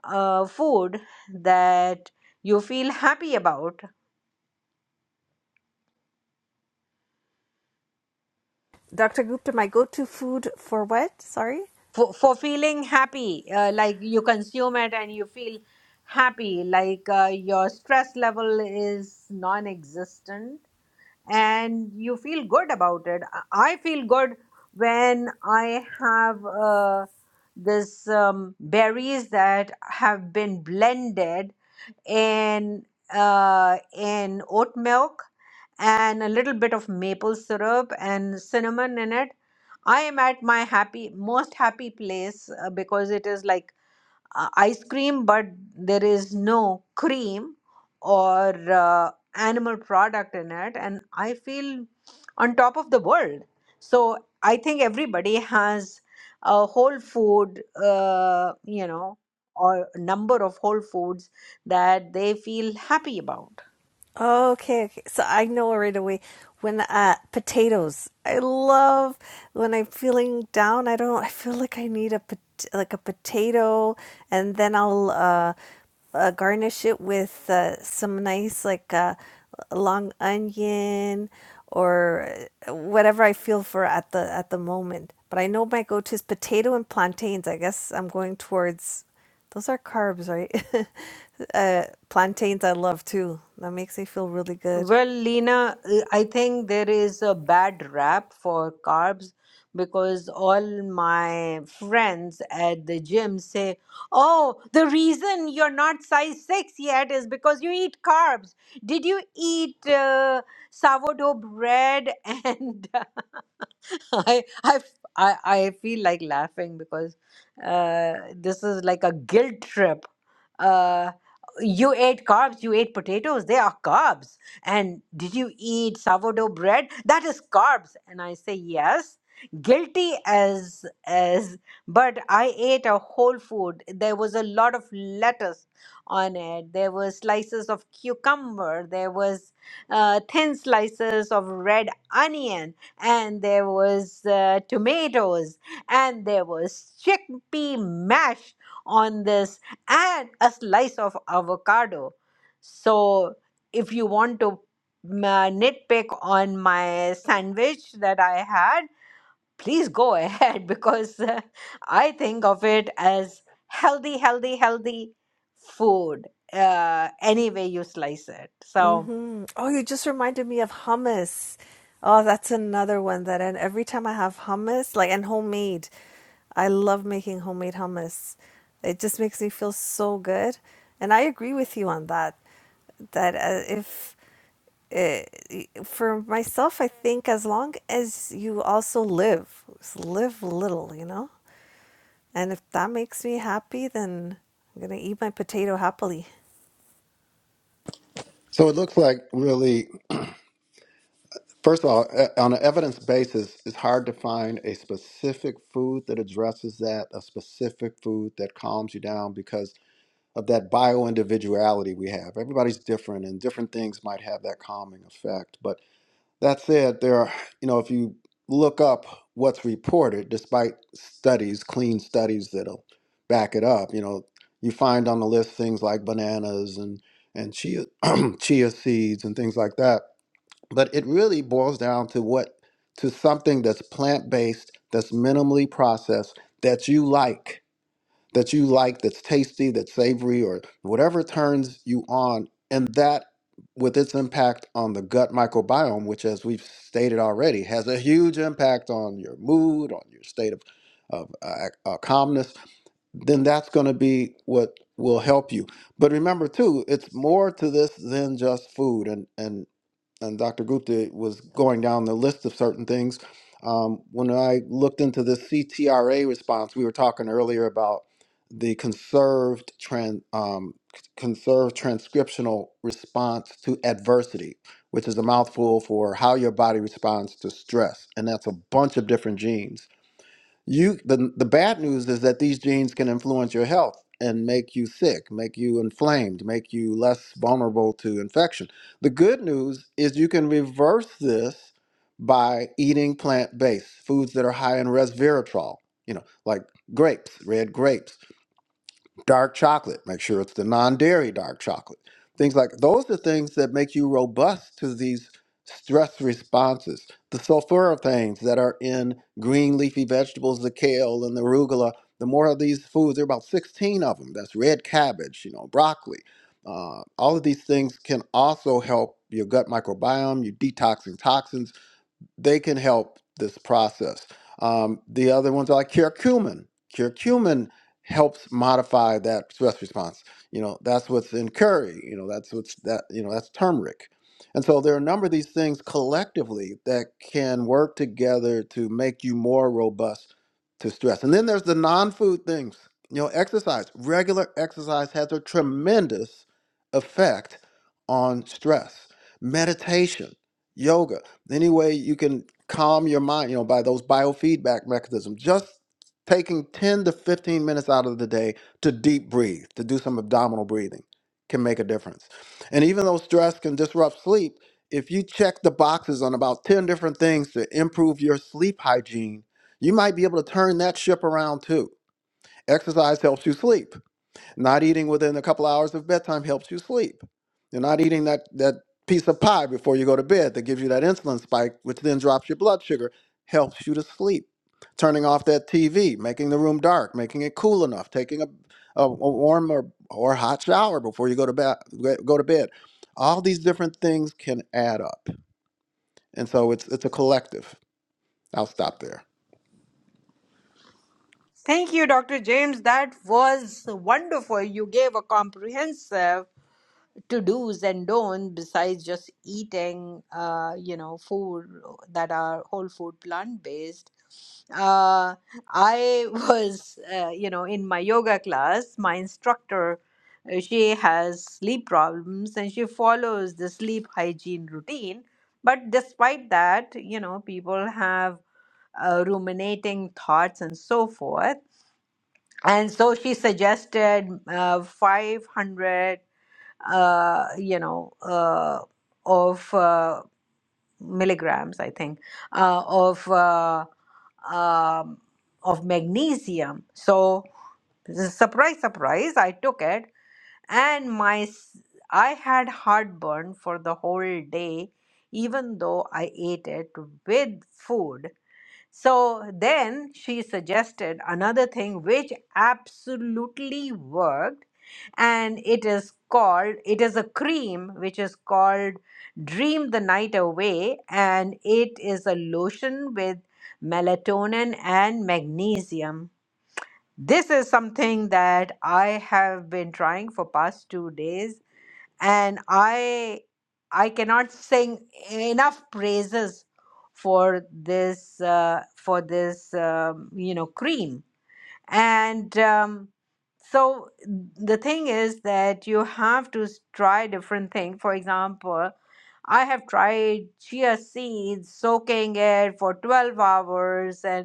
uh, food that you feel happy about Dr. Gupta, my go to food for what? Sorry? for, for feeling happy, uh, like you consume it and you feel happy, like uh, your stress level is non existent and you feel good about it. I I feel good when I have uh, this um, berries that have been blended and uh, and oat milk and a little bit of maple syrup and cinnamon in it. I am at my happy, most happy place uh, because it is like uh, ice cream, but there is no cream or uh, animal product in it, and I feel on top of the world. So I think everybody has a whole food, uh, you know, or number of whole foods that they feel happy about. Okay, okay. So I know right away when uh, potatoes. I love when I'm feeling down. I don't. I feel like I need a pot- like a potato, and then I'll uh, uh, garnish it with uh, some nice like uh, long onion or uh, whatever I feel for at the at the moment. But I know my go-to is potato and plantains. I guess I'm going towards. Those are carbs, right? Uh, plantains I love too. That makes me feel really good. Well, Lena, uh, I think there is a bad rap for carbs because all my friends at the gym say, Oh, the reason you're not size six yet is because you eat carbs. Did you eat uh, sourdough bread and I I I I feel like laughing because uh, this is like a guilt trip. Uh, you ate carbs, you ate potatoes, they are carbs. And did you eat sourdough bread? That is carbs. And I say yes. Guilty as as but I ate a whole food. There was a lot of lettuce on it. There were slices of cucumber. There was uh, thin slices of red onion and there was uh, tomatoes and there was chickpea mash on this and a slice of avocado so if you want to mm, uh, nitpick on my sandwich that i had please go ahead because uh, i think of it as healthy healthy healthy food uh, any way you slice it so hmm Oh, you just reminded me of hummus. Oh, that's another one that, and every time I have hummus, like and homemade, I love making homemade hummus. It just makes me feel so good, and I agree with you on that. That uh, if uh, for myself, I think as long as you also live, live little, you know. And if that makes me happy, then I'm going to eat my potato happily. So it looks like really, first of all, e- on an evidence basis, it's hard to find a specific food that addresses that, a specific food that calms you down because of that bio individuality we have. Everybody's different, and different things might have that calming effect. But That said, there are, you know, if you look up what's reported, despite studies, clean studies that'll back it up, you know, you find on the list things like bananas and and chia chia seeds and things like that. But it really boils down to what to something that's plant-based, that's minimally processed, that you like that you like that's tasty, that's savory, or whatever turns you on. And that, with its impact on the gut microbiome, which, as we've stated already, has a huge impact on your mood, on your state of, of uh, uh, calmness, then that's going to be what will help you. But remember, too, it's more to this than just food. And, and and Dr. Gupta was going down the list of certain things. Um, when I looked into the CTRA response, we were talking earlier about the conserved tran um, conserved transcriptional response to adversity, which is a mouthful for how your body responds to stress, and that's a bunch of different genes you the, the bad news is that these genes can influence your health and make you sick make you inflamed make you less vulnerable to infection the good news is you can reverse this by eating plant-based foods that are high in resveratrol you know like grapes red grapes dark chocolate. Make sure it's the non-dairy dark chocolate. Things like those are things that make you robust to these stress responses. The sulforaphane that are in green leafy vegetables, the kale and the arugula. The more of these foods, there are about 16 of them. That's red cabbage, you know, broccoli. Uh, all of these things can also help your gut microbiome, you detoxing toxins they can help this process. Um, the other ones are like curcumin. Curcumin helps modify that stress response. You know, that's what's in curry. You know, that's what's that. You know, that's turmeric. And so there are a number of these things collectively that can work together to make you more robust to stress. And then there's the non-food things. You know, exercise. Regular exercise has a tremendous effect on stress. Meditation yoga. Any way you can calm your mind, you know, by those biofeedback mechanisms. Just taking 10 to 15 minutes out of the day to deep breathe, to do some abdominal breathing can make a difference. And even though stress can disrupt sleep, if you check the boxes on about 10 different things to improve your sleep hygiene, you might be able to turn that ship around too. Exercise helps you sleep not eating within a couple hours of bedtime helps you sleep. You're not eating that, that piece of pie before you go to bed that gives you that insulin spike, which then drops your blood sugar, helps you to sleep. Turning off that TV, making the room dark, making it cool enough, taking a, a, a warm or, or hot shower before you go to, ba- go to bed. All these different things can add up. And so it's, it's a collective. I'll stop there. Thank you, Dr. James. That was wonderful. You gave a comprehensive to do's and don'ts besides just eating, uh, you know, food that are whole food plant based. Uh, I was, uh, you know, in my yoga class, my instructor, uh, she has sleep problems and she follows the sleep hygiene routine. But despite that, you know, people have uh, ruminating thoughts and so forth and so she suggested uh, 500 uh, you know uh, of uh, milligrams i think uh, of uh, um, of magnesium so surprise surprise i took it and my s- i had heartburn for the whole day even though i ate it with food so then she suggested another thing which absolutely worked, and it is called, it is a cream which is called Dream the Night Away, and it is a lotion with melatonin and magnesium. This is something that I have been trying for past 2 days and i i cannot sing enough praises for this uh, for this um, you know cream and um, so the thing is that you have to s- try different things for example i have tried chia seeds soaking it for 12 hours and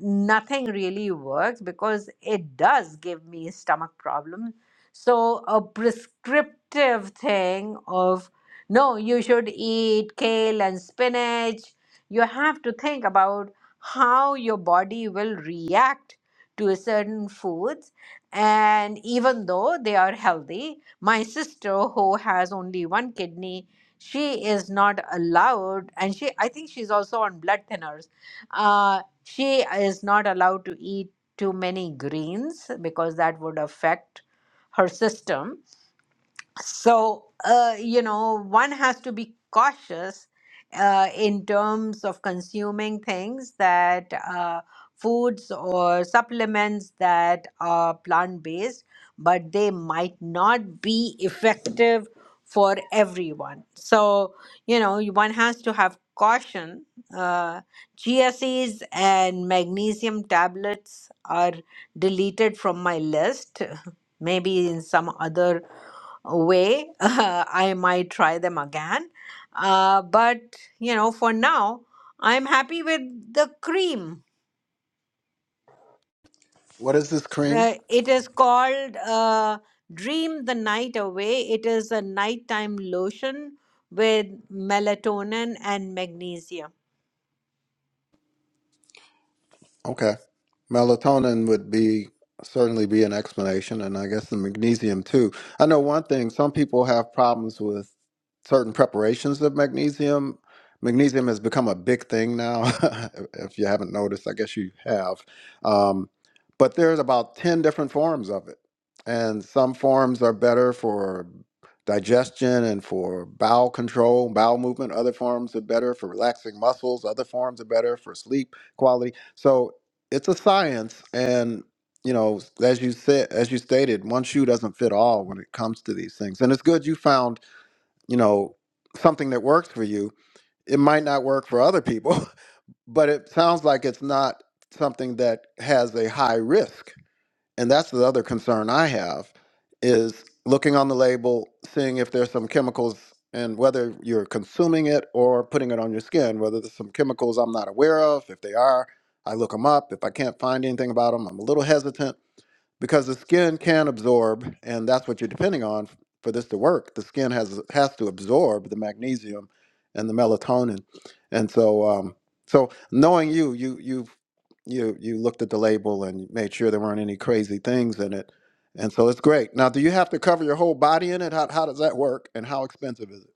nothing really works because it does give me stomach problems. So a prescriptive thing of no, you should eat kale and spinach. You have to think about how your body will react to a certain foods. And even though they are healthy, my sister who has only one kidney, she is not allowed, and she I think she's also on blood thinners uh, she is not allowed to eat too many greens because that would affect her system so uh, you know one has to be cautious uh, in terms of consuming things that uh, foods or supplements that are plant based but they might not be effective for everyone so you know you- one has to have caution uh, chia seeds and magnesium tablets are deleted from my list maybe in some other way, uh, I might try them again. Uh, but, you know, for now, I'm happy with the cream. What is this cream? Uh, it is called uh, Dream the Night Away. It is a nighttime lotion with melatonin and magnesium. Okay. Melatonin would be certainly be an explanation, and I guess the magnesium too. I know one thing, some people have problems with certain preparations of magnesium. Magnesium has become a big thing now. if if you haven't noticed, I guess you have. Um, but there's about 10 different forms of it. And some forms are better for digestion and for bowel control, bowel movement. Other forms are better for relaxing muscles. Other forms are better for sleep quality. So it's a science and you know as you said as you stated one shoe doesn't fit all when it comes to these things and it's good you found you know something that works for you it might not work for other people but it sounds like it's not something that has a high risk and that's the other concern I have is looking on the label, seeing if there's some chemicals and whether you're consuming it or putting it on your skin, whether there's some chemicals I'm not aware of. If they are, I look them up. If I can't find anything about them, I'm a little hesitant because the skin can absorb, and that's what you're depending on f- for this to work. The skin has has to absorb the magnesium and the melatonin, and so um, so knowing you, you you you you looked at the label and made sure there weren't any crazy things in it, and so it's great. Now, do you have to cover your whole body in it? How how does that work, and how expensive is it?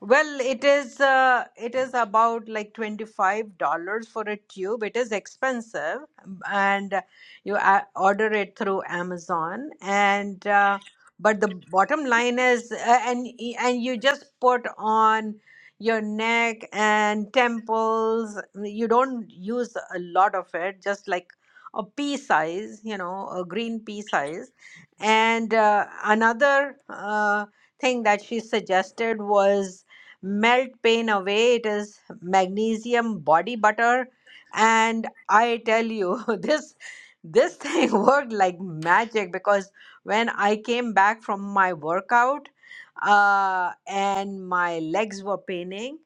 Well, it is uh, it is about like $25 for a tube. It is expensive and you a- order it through Amazon and uh, but the bottom line is uh, and and you just put on your neck and temples. You don't use a lot of it, just like a pea size, you know, a green pea size. And uh, another uh, thing that she suggested was melt pain away. It is magnesium body butter. And I tell you, this this thing worked like magic because when I came back from my workout uh, and my legs were paining,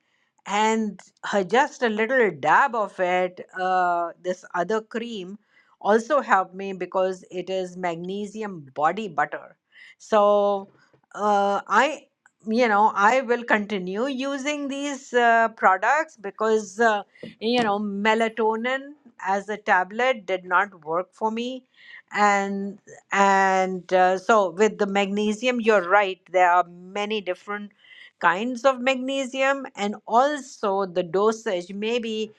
and uh, just a little dab of it, uh, this other cream also helped me because it is magnesium body butter. So uh, I you know i will continue using these uh, products because uh, you know melatonin as a tablet did not work for me and and uh, so with the magnesium you're right there are many different kinds of magnesium and also the dosage maybe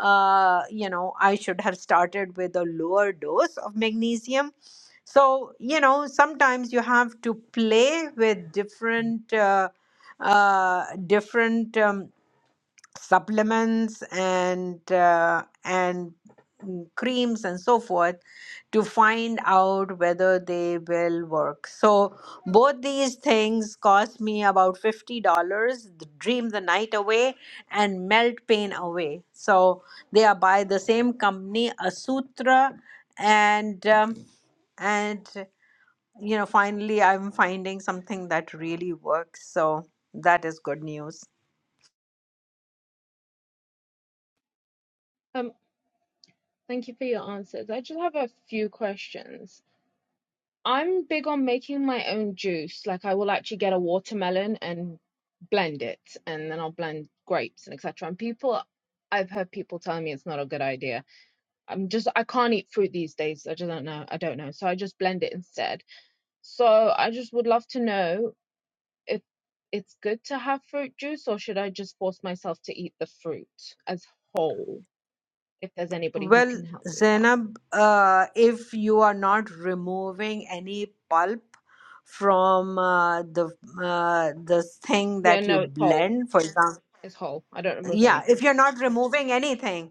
uh, you know i should have started with a lower dose of magnesium so, you know, sometimes you have to play with different uh, uh, different um, supplements and uh, and mm, creams and so forth to find out whether they will work. So both these things cost me about fifty dollars. Dream the night away and melt pain away. So they are by the same company, Asutra, and um, and you know, finally I'm finding something that really works. So that is good news. Thank you for your answers. I just have a few questions. I'm big on making my own juice. Like I will actually get a watermelon and blend it, and then I'll blend grapes and etc. And people, I've heard people telling me it's not a good idea. I'm just I can't eat fruit these days. I just don't know. I don't know. So I just blend it instead. So I just would love to know if it's good to have fruit juice or should I just force myself to eat the fruit as whole? If there's anybody who Well, can help me with that. Zainab, uh, if you are not removing any pulp from uh, the uh, the thing Yeah, that you no, it's whole. blend, for example. It's whole. I don't remove yeah anything. if you're not removing anything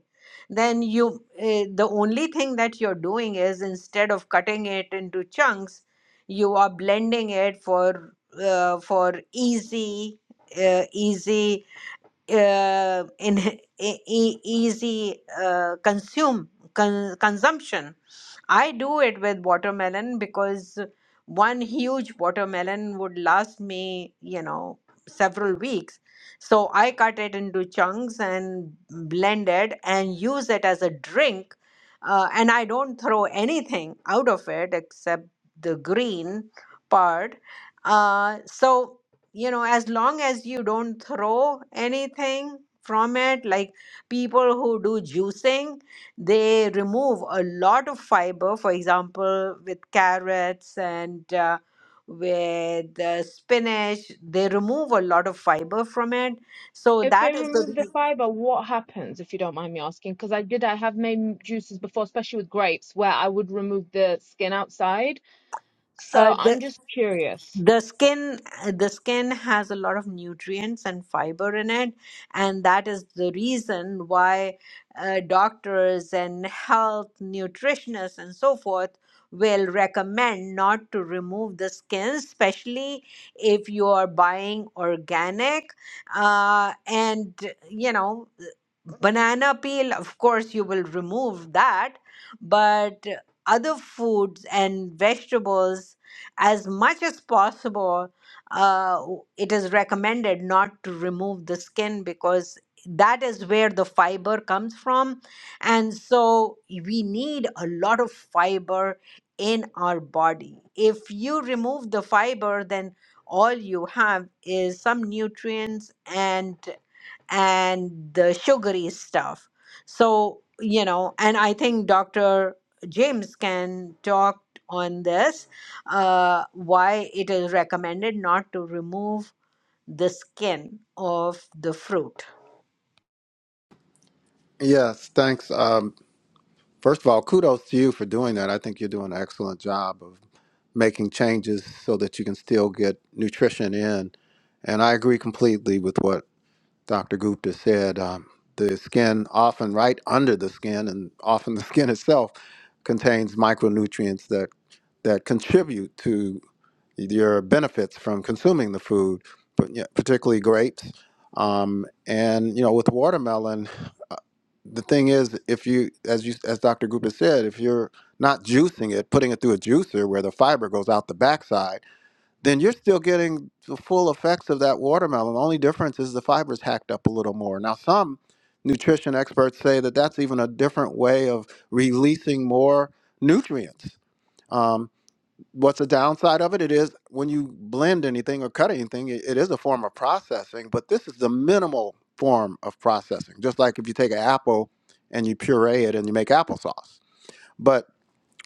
then you uh, the only thing that you're doing is instead of cutting it into chunks you are blending it for uh, for easy uh, easy uh, in e- e- easy uh, consume con- consumption I do it with watermelon because one huge watermelon would last me, you know, several weeks. So I cut it into chunks and blend it and use it as a drink. Uh, and I don't throw anything out of it except the green part. Uh, so, you know, as long as you don't throw anything from it, like people who do juicing, they remove a lot of fiber for example with carrots and uh, with uh, spinach they remove a lot of fiber from it so If they that is remove the the fiber, what happens, if you don't mind me asking? Because I did, I have made juices before, especially with grapes, where I would remove the skin outside. So I'm reason just curious. the skin the skin has a lot of nutrients and fiber in it and that is the reason why uh, doctors and health nutritionists and so forth will recommend not to remove the skin especially if you are buying organic uh, and you know banana peel of course you will remove that but other foods and vegetables as much as possible, uh, it is recommended not to remove the skin because that is where the fiber comes from. And so we need a lot of fiber in our body. If you remove the fiber, then all you have is some nutrients and and the sugary stuff. So, you know, and I think Dr. James can talk on this uh, why it is recommended not to remove the skin of the fruit. Yes, thanks. Um, first of all, kudos to you for doing that. I think you're doing an excellent job of. making changes so that you can still get nutrition in. And I agree completely with what Dr. Gupta said. Um, the skin, often right under the skin, and often the skin itself, contains micronutrients that that contribute to your benefits from consuming the food, but yeah, particularly grapes. Um, and you know, with watermelon, uh, the thing is, if you, as you, as Dr. Gupta said, if you're not juicing it, putting it through a juicer where the fiber goes out the backside, then you're still getting the full effects of that watermelon. The only difference is the fiber's hacked up a little more. Now, some nutrition experts say that that's even a different way of releasing more nutrients. Um, what's the downside of it? It is when you blend anything or cut anything, it, it is a form of processing, but this is the minimal form of processing. Just like if you take an apple and you puree it and you make applesauce. but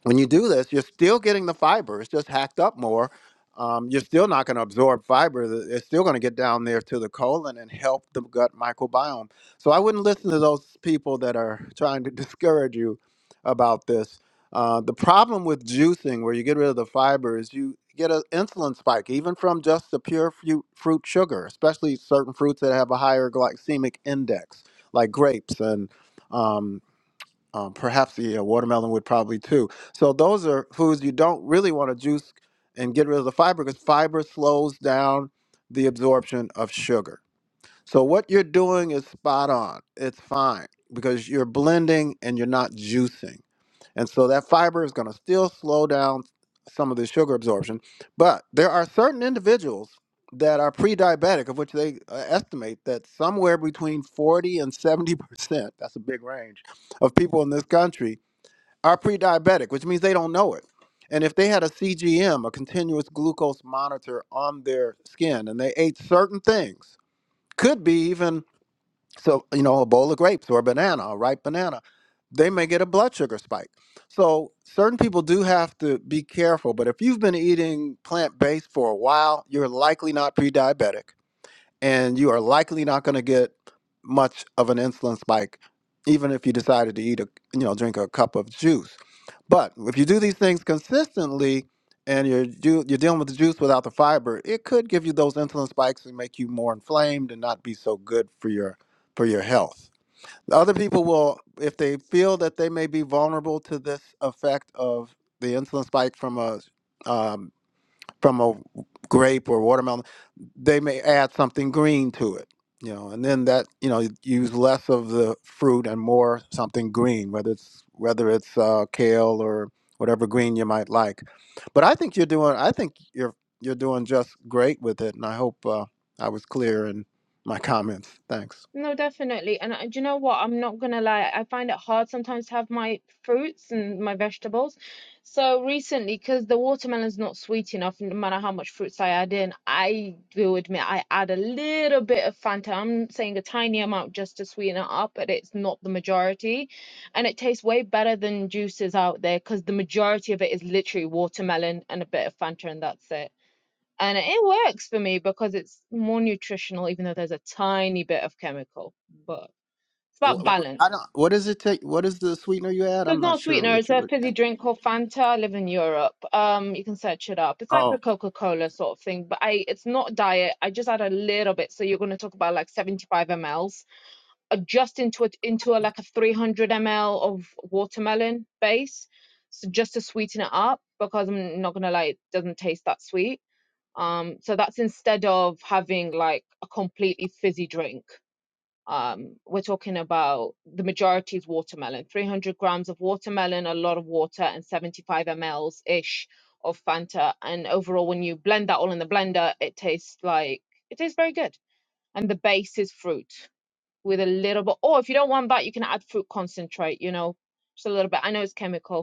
when you do this, you're still getting the fiber. It's just hacked up more. Um, you're still not going to absorb fiber. The- It's still going to get down there to the colon and help the gut microbiome. So I wouldn't listen to those people that are trying to discourage you about this. Uh, the problem with juicing, where you get rid of the fiber, is you get an insulin spike, even from just the pure fruit, fruit sugar, especially certain fruits that have a higher glycemic index, like grapes and um, um, perhaps the uh, watermelon would probably too. So those are foods you don't really want to juice and get rid of the fiber because fiber slows down the absorption of sugar. So what you're doing is spot on. It's fine because you're blending and you're not juicing. And so that fiber is going to still slow down some of the sugar absorption. But there are certain individuals that are pre diabetic, of which they uh, estimate that somewhere between 40 and 70%, that's a big range, of people in this country are pre diabetic, which means they don't know it. And if they had a CGM, a continuous glucose monitor on their skin, and they ate certain things, could be even so, you know, a bowl of grapes or a banana, a ripe banana, they may get a blood sugar spike. So, certain people do have to be careful. But if you've been eating plant based for a while, you're likely not pre diabetic and you are likely not going to get much of an insulin spike even if you decided to eat a you know drink a cup of juice but if you do these things consistently and you're ju- you're dealing with the juice without the fiber it could give you those insulin spikes and make you more inflamed and not be so good for your for your health The other people will if they feel that they may be vulnerable to this effect of the insulin spike from a um, from a grape or watermelon they may add something green to it you know and then that you know use less of the fruit and more something green whether it's whether it's uh, kale or whatever green you might like but i think you're doing i think you're you're doing just great with it and i hope uh, i was clear in my comments thanks No, definitely. And I, do you know what? I'm not gonna lie. I find it hard sometimes to have my fruits and my vegetables. So recently, because the watermelon's not sweet enough, no matter how much fruits I add in, I will admit I add a little bit of Fanta. I'm saying a tiny amount just to sweeten it up, but it's not the majority. And it tastes way better than juices out there because the majority of it is literally watermelon and a bit of Fanta, and that's it and it works for me because it's more nutritional even though there's a tiny bit of chemical but it's Wh- about balance I don't, what What does it take what is the sweetener you add so i'm it's not not a sure sweetener what it's you a would fizzy drink called fanta i live in europe um you can search it up it's like a oh coca-cola sort of thing but i it's not diet i just add a little bit so you're going to talk about like 75 mls uh, just into it into a like a 300 ml of watermelon base so just to sweeten it up because i'm not going to lie it doesn't taste that sweet Um, so that's instead of having like a completely fizzy drink. Um, we're talking about the majority is watermelon, 300 grams of watermelon, a lot of water, and 75 mls ish of Fanta. And overall, when you blend that all in the blender, it tastes like it tastes very good. And the base is fruit with a little bit, or if you don't want that, you can add fruit concentrate, you know, just a little bit. I know it's chemical,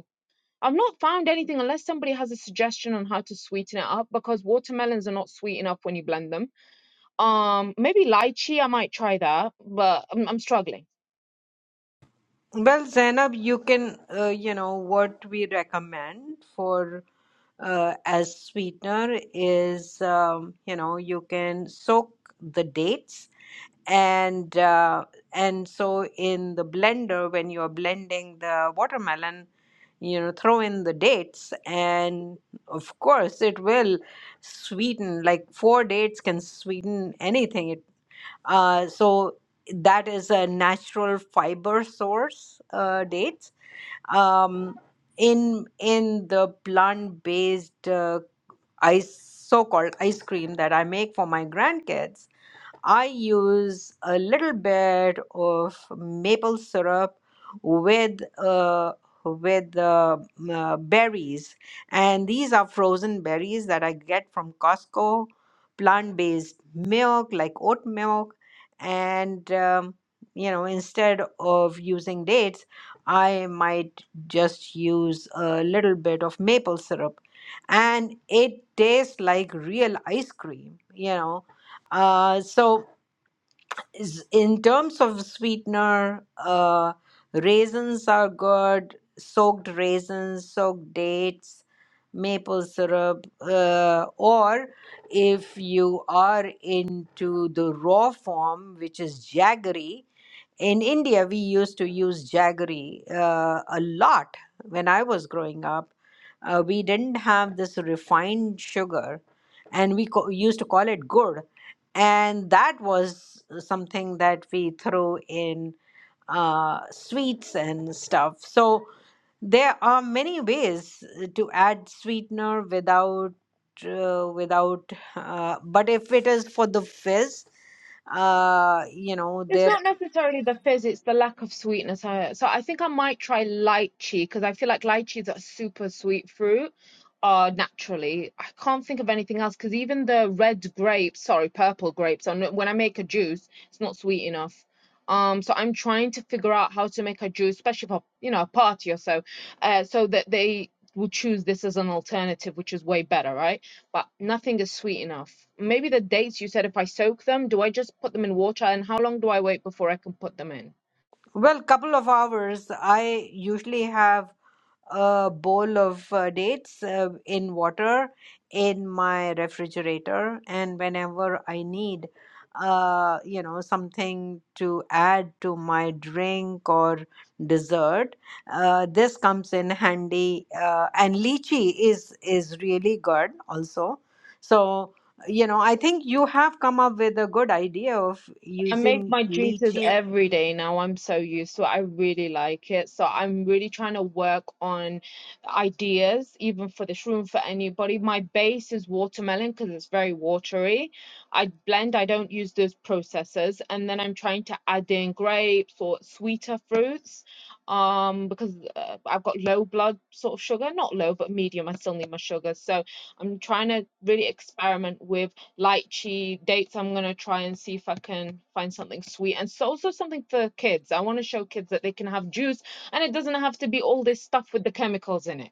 I've not found anything unless somebody has a suggestion on how to sweeten it up because watermelons are not sweet enough when you blend them. Um, maybe lychee, I might try that, but I'm, I'm struggling. Well, Zainab, you can, uh, you know, what we recommend for uh, as sweetener is, um, you know, you can soak the dates and uh, and so in the blender when you're blending the watermelon you know throw in the dates and of course it will sweeten like four dates can sweeten anything it, uh, so that is a natural fiber source uh, dates um, in in the plant based uh, ice so called ice cream that i make for my grandkids I use a little bit of maple syrup with uh, with uh, m- uh, berries, and these are frozen berries that I get from Costco. Plant-based milk, like oat milk, and um, you know, instead of using dates, I might just use a little bit of maple syrup, and it tastes like real ice cream. You know, uh, so is- in terms of sweetener, uh, raisins are good, soaked raisins, soaked dates, maple syrup, uh, or if you are into the raw form, which is jaggery, in India, we used to use jaggery uh, a lot when I was growing up. Uh, we didn't have this refined sugar, and we co- used to call it gur, and that was something that we threw in uh, sweets and stuff. So there are many ways to add sweetener without uh, without. Uh, but if it is for the fizz, uh, you know It's there not necessarily the fizz, it's the lack of sweetness. I, so I think I might try lychee because I feel like lychee is a super sweet fruit uh naturally. I can't think of anything else because even the red grapes, sorry, purple grapes, on when I make a juice, it's not sweet enough. Um, so I'm trying to figure out how to make a juice, especially for, you know, a party or so, uh, so that they will choose this as an alternative, which is way better, right? but nothing is sweet enough. Maybe the dates you said if I soak them, do I just put them in water and how long do I wait before I can put them in? Well, couple of hours. I usually have a bowl of uh, dates uh, in water in my refrigerator, and whenever I need, uh, you know, something to add to my drink or dessert, uh, this comes in handy. Uh, and lychee is is really good also. So, you know, I think you have come up with a good idea of I make using my juices lychee. every day now. I'm so used to it. I really like it. So I'm really trying to work on ideas, even for this room, for anybody. My base is watermelon because it's very watery. I blend, I don't use those processors. And then I'm trying to add in grapes or sweeter fruits um, because uh, I've got low blood sort of sugar, not low, but medium. I still need my sugar. So I'm trying to really experiment with lychee dates. I'm gonna try and see if I can find something sweet and so also something for kids. I want to show kids that they can have juice and it doesn't have to be all this stuff with the chemicals in it.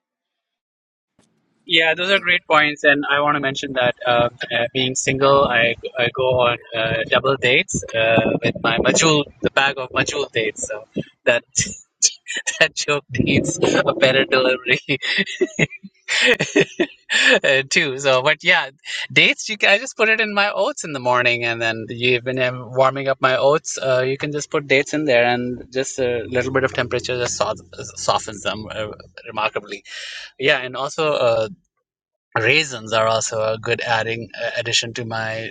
Yeah, those are great points, and I want to mention that uh, uh, being single, I, I go on uh, double dates uh, with my Majul, the bag of Majul dates. So that that joke needs a better delivery uh, too. So, but yeah, dates. You can, I just put it in my oats in the morning, and then you, when I'm warming up my oats, uh, you can just put dates in there, and just a little bit of temperature just soft, softens them uh, remarkably. Yeah, and also. Uh, raisins are also a good adding uh, addition to my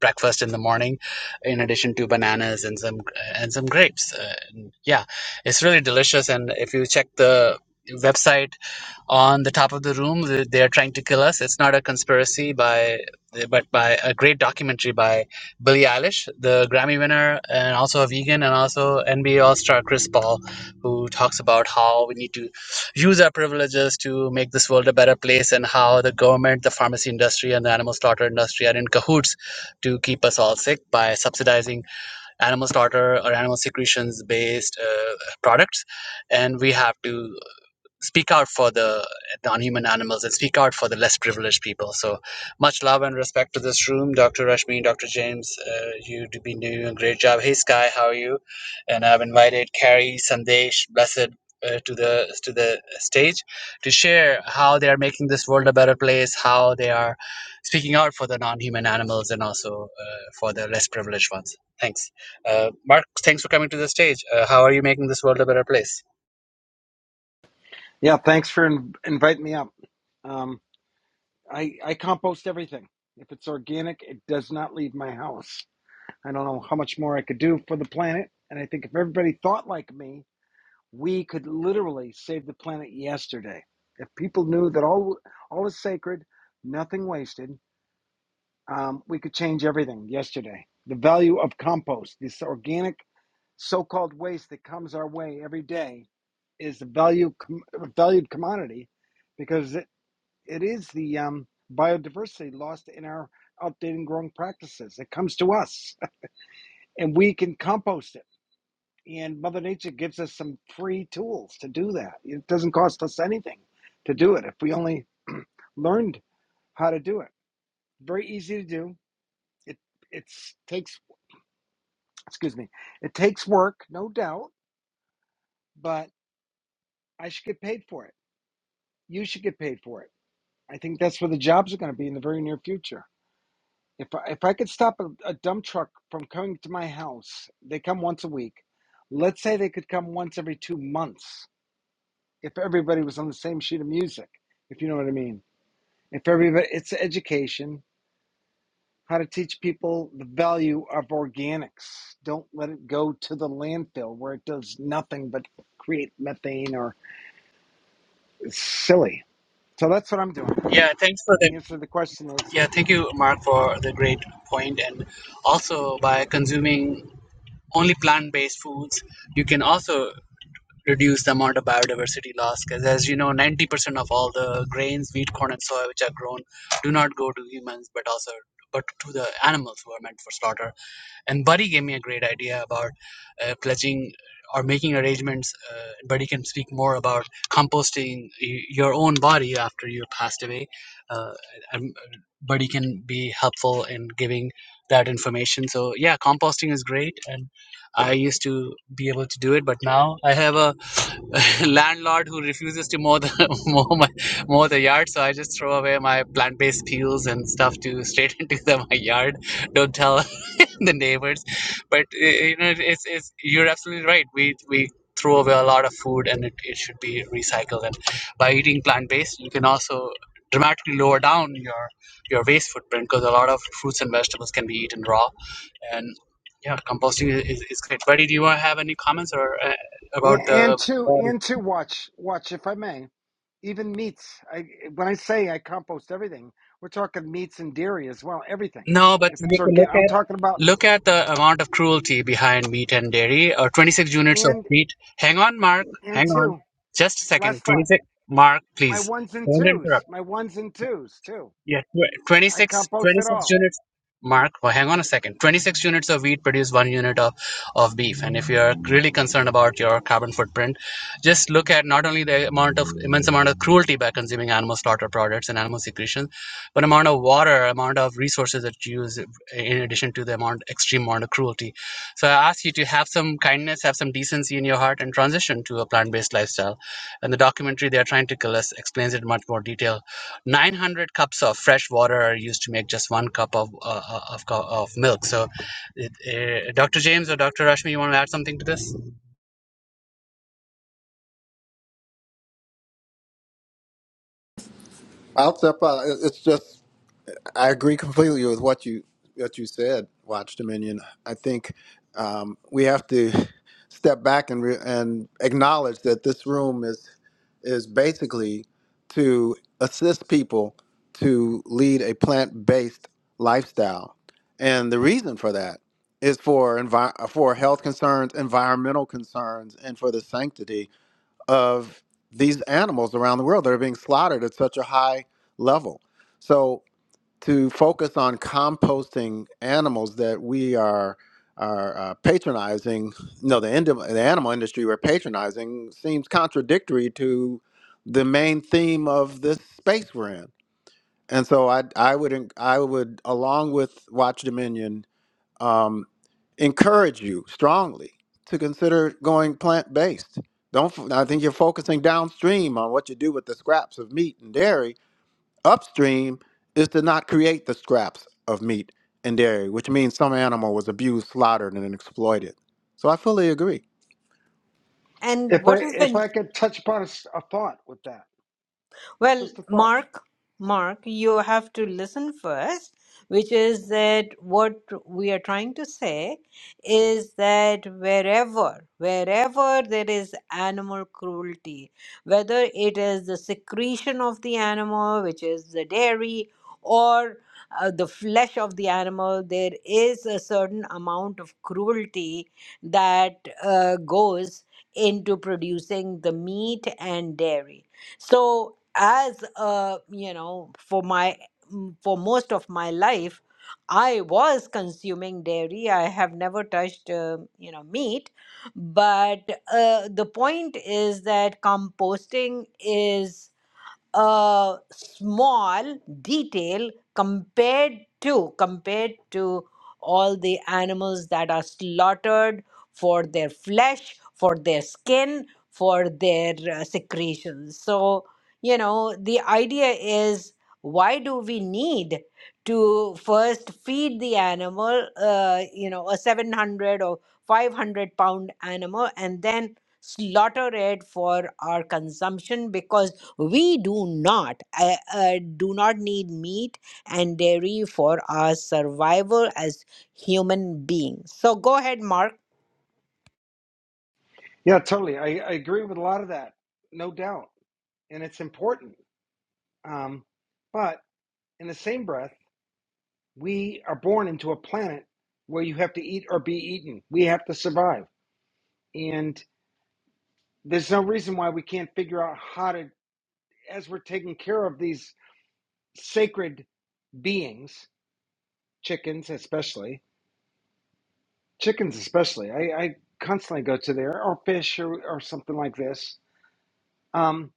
breakfast in the morning in addition to bananas and some and some grapes uh, and yeah it's really delicious and if you check the website on the top of the room th- they are trying to kill us it's not a conspiracy by but by a great documentary by Billie Eilish the Grammy winner and also a vegan and also NBA all-star Chris Paul who talks about how we need to use our privileges to make this world a better place and how the government, the pharmacy industry, and the animal slaughter industry are in cahoots to keep us all sick by subsidizing animal slaughter or animal secretions based uh, products. And we have to speak out for the non-human animals and speak out for the less privileged people. So much love and respect to this room, Dr. Rashmi, Dr. James. Uh, you've been doing a great job. Hey, Sky, how are you? And I've invited Carrie, Sandesh, Blessed. Uh, to the to the stage to share how they are making this world a better place how they are speaking out for the non-human animals and also uh, for the less privileged ones thanks uh, mark thanks for coming to the stage uh, how are you making this world a better place Yeah, thanks for in- inviting me up. Um, I I compost everything. If it's organic, it does not leave my house. I don't know how much more I could do for the planet, and I think if everybody thought like me, we could literally save the planet yesterday. If people knew that all all is sacred, nothing wasted, um, we could change everything yesterday. The value of compost, this organic so-called waste that comes our way every day, is a value com- a valued commodity because it it is the um, biodiversity lost in our updating growing practices. It comes to us, and we can compost it. And Mother Nature gives us some free tools to do that. It doesn't cost us anything to do it if we only learned how to do it. Very easy to do. It it's takes excuse me. It takes work, no doubt, but I should get paid for it. You should get paid for it. I think that's where the jobs are going to be in the very near future If I, if I could stop a, a dump truck from coming to my house, they come once a week. Let's say they could come once every two months if everybody was on the same sheet of music, if you know what I mean. If everybody, it's education, how to teach people the value of organics. Don't let it go to the landfill where it does nothing but create methane or it's silly. So that's what I'm doing. yeah thanks for the The answer to the question is, Yeah, thank you, Mark, for the great point. And also, by consuming only plant based foods, you can also reduce the amount of biodiversity loss because, as you know, 90% of all the grains, wheat, corn, and soy which are grown do not go to humans but also but to the animals who are meant for slaughter. And Buddy gave me a great idea about uh, pledging or making arrangements. Uh, Buddy can speak more about composting y- your own body after you passed away. Uh, and uh, Buddy can be helpful in giving that information. So yeah, composting is great, and I used to be able to do it, but now I have a landlord who refuses to mow the mow, my, mow the yard, so I just throw away my plant-based peels and stuff to straight into the, my yard. Don't tell the neighbors. But uh, you know, it's, it's you're absolutely right. We we throw away a lot of food, and it, it should be recycled. And by eating plant based, you can also dramatically lower down your your waste footprint because a lot of fruits and vegetables can be eaten raw, and yeah, composting is, is is great. Buddy, do you want to have any comments or uh, and, about and the two, and two, watch, watch if I may. even meats. I when I say I compost everything, we're talking meats and dairy as well. Everything. No, but If it's you can organic, look I'm at talking about look at the amount of cruelty behind meat and dairy, or 26 units of and meat. Hang on, Mark. and Hang on, two. just a second. Last thought. 26, Mark, My please. ones and Don't twos. interrupt. My ones and twos too. Yeah, tw- 26, I compost it twenty-six all. units. Mark, well, hang on a second. 26 units of wheat produce one unit of, of beef. And if you're really concerned about your carbon footprint, just look at not only the amount of immense amount of cruelty by consuming animal slaughter products and animal secretions, but amount of water, amount of resources that you use in addition to the amount extreme amount of cruelty. So I ask you to have some kindness, have some decency in your heart and transition to a plant-based lifestyle. And the documentary they are trying to kill us explains it in much more detail 900 cups of fresh water are used to make just one cup of uh, uh, of, co- of milk. So, it, uh, Dr. James or Dr. Rashmi, you want to add something to this? i'll step out. It- it's just I agree completely with what you what you said, Watch Dominion. I think um, we have to step back and re- and acknowledge that this room is is basically to assist people to lead a plant based lifestyle, and the reason for that is for envi- for health concerns, environmental concerns, and for the sanctity of these animals around the world that are being slaughtered at such a high level. So to focus on composting animals that we are are uh, patronizing. No, the end the animal industry we're patronizing seems contradictory to the main theme of this space we're in. And so I I would en- I would along with Watch Dominion um, encourage you strongly to consider going plant based. Don't f- I think you're focusing downstream on what you do with the scraps of meat and dairy Upstream is to not create the scraps of meat and dairy, which means some animal was abused, slaughtered, and exploited. So I fully agree, And If I what is if the I could touch upon a, s- a thought with that, Well, just a thought. Mark, Mark, you have to listen first, which is that what we are trying to say is that wherever, wherever there is animal cruelty, whether it is the secretion of the animal, which is the dairy, or uh, the flesh of the animal, there is a certain amount of cruelty that uh, goes into producing the meat and dairy. So as uh, you know for my m- for most of my life i was consuming dairy i have never touched uh, you know meat but uh, the point is that composting is a small detail compared to compared to all the animals that are slaughtered for their flesh for their skin for their uh, secretions so you know the idea is why do we need to first feed the animal uh, you know a 700 or 500 pound animal and then slaughter it for our consumption Because we do not uh, uh, do not need meat and dairy for our survival as human beings so go ahead mark Yeah, totally. I, I agree with a lot of that, no doubt, and it's important. Um, but in the same breath, we are born into a planet where you have to eat or be eaten. We have to survive And there's no reason why we can't figure out how to, as we're taking care of these sacred beings, chickens especially, chickens especially. I, I constantly go to there, or fish, or, or something like this. Um,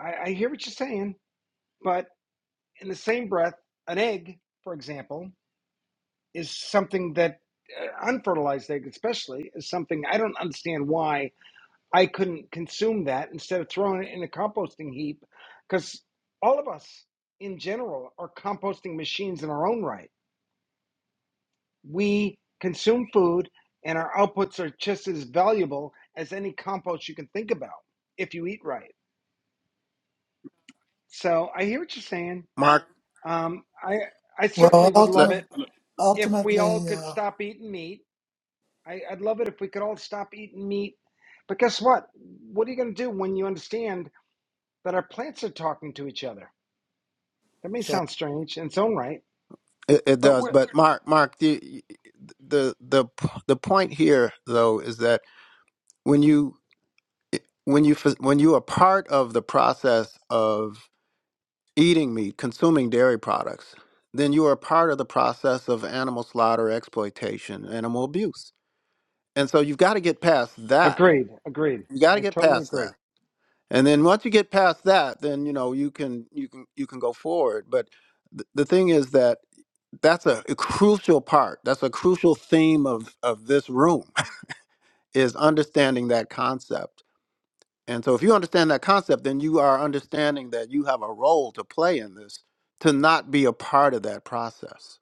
I, I hear what you're saying, but in the same breath, an egg, for example, is something that uh, unfertilized egg, especially, is something I don't understand why I couldn't consume that instead of throwing it in a composting heap because all of us in general are composting machines in our own right. We consume food and our outputs are just as valuable as any compost you can think about if you eat right. So I hear what you're saying. Mark. Um, I, I certainly Well, would love le- ultimate, it if we all ultimately, could uh, stop eating meat. I, I'd love it if we could all stop eating meat. But guess what? What are you going to do when you understand that our plants are talking to each other? That may yeah, sound strange in its own right, It, it but does, we're but Mark, Mark, the, the the the point here though is that when you when you f- when you are part of the process of eating meat, consuming dairy products, then you are part of the process of animal slaughter, exploitation, animal abuse, and so you've got to get past that. agreed, agreed. You got to I get totally past agree. that. and then once you get past that then you know you can you can you can go forward but th- the thing is that that's a, a crucial part that's a crucial theme of of this room is understanding that concept and so if you understand that concept then you are understanding that you have a role to play in this to not be a part of that process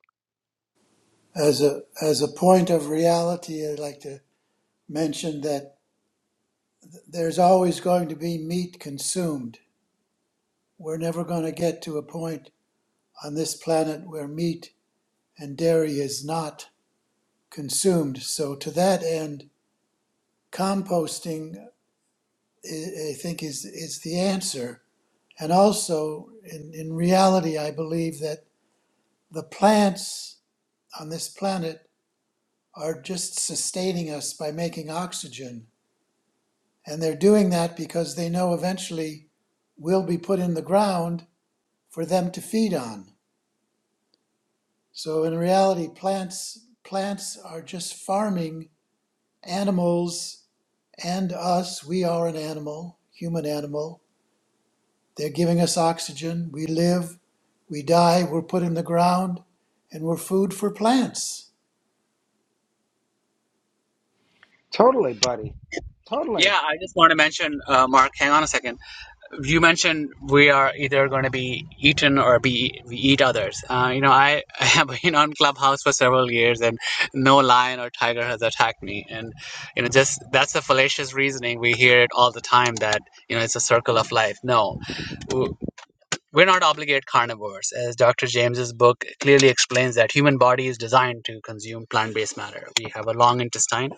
as a as a point of reality, I'd like to mention that there's always going to be meat consumed. We're never going to get to a point on this planet where meat and dairy is not consumed. So, to that end, composting, I think, is, is the answer. And also, in, in reality, I believe that the plants on this planet are just sustaining us by making oxygen. And they're doing that because they know eventually we'll be put in the ground for them to feed on. So in reality, plants plants are just farming animals and us. We are an animal, human animal. They're giving us oxygen. We live, we die, we're put in the ground, and we're food for plants. Totally, buddy. Yeah, Totally. I just want to mention, uh, Mark. Hang on a second. You mentioned we are either going to be eaten or be we eat others. Uh, you know, I, I have been on Clubhouse for several years, and no lion or tiger has attacked me. And you know, just that's a fallacious reasoning we hear it all the time that you know it's a circle of life. No, We're not obligate carnivores, as Dr. James's book clearly explains that human body is designed to consume plant-based matter. We have a long intestine.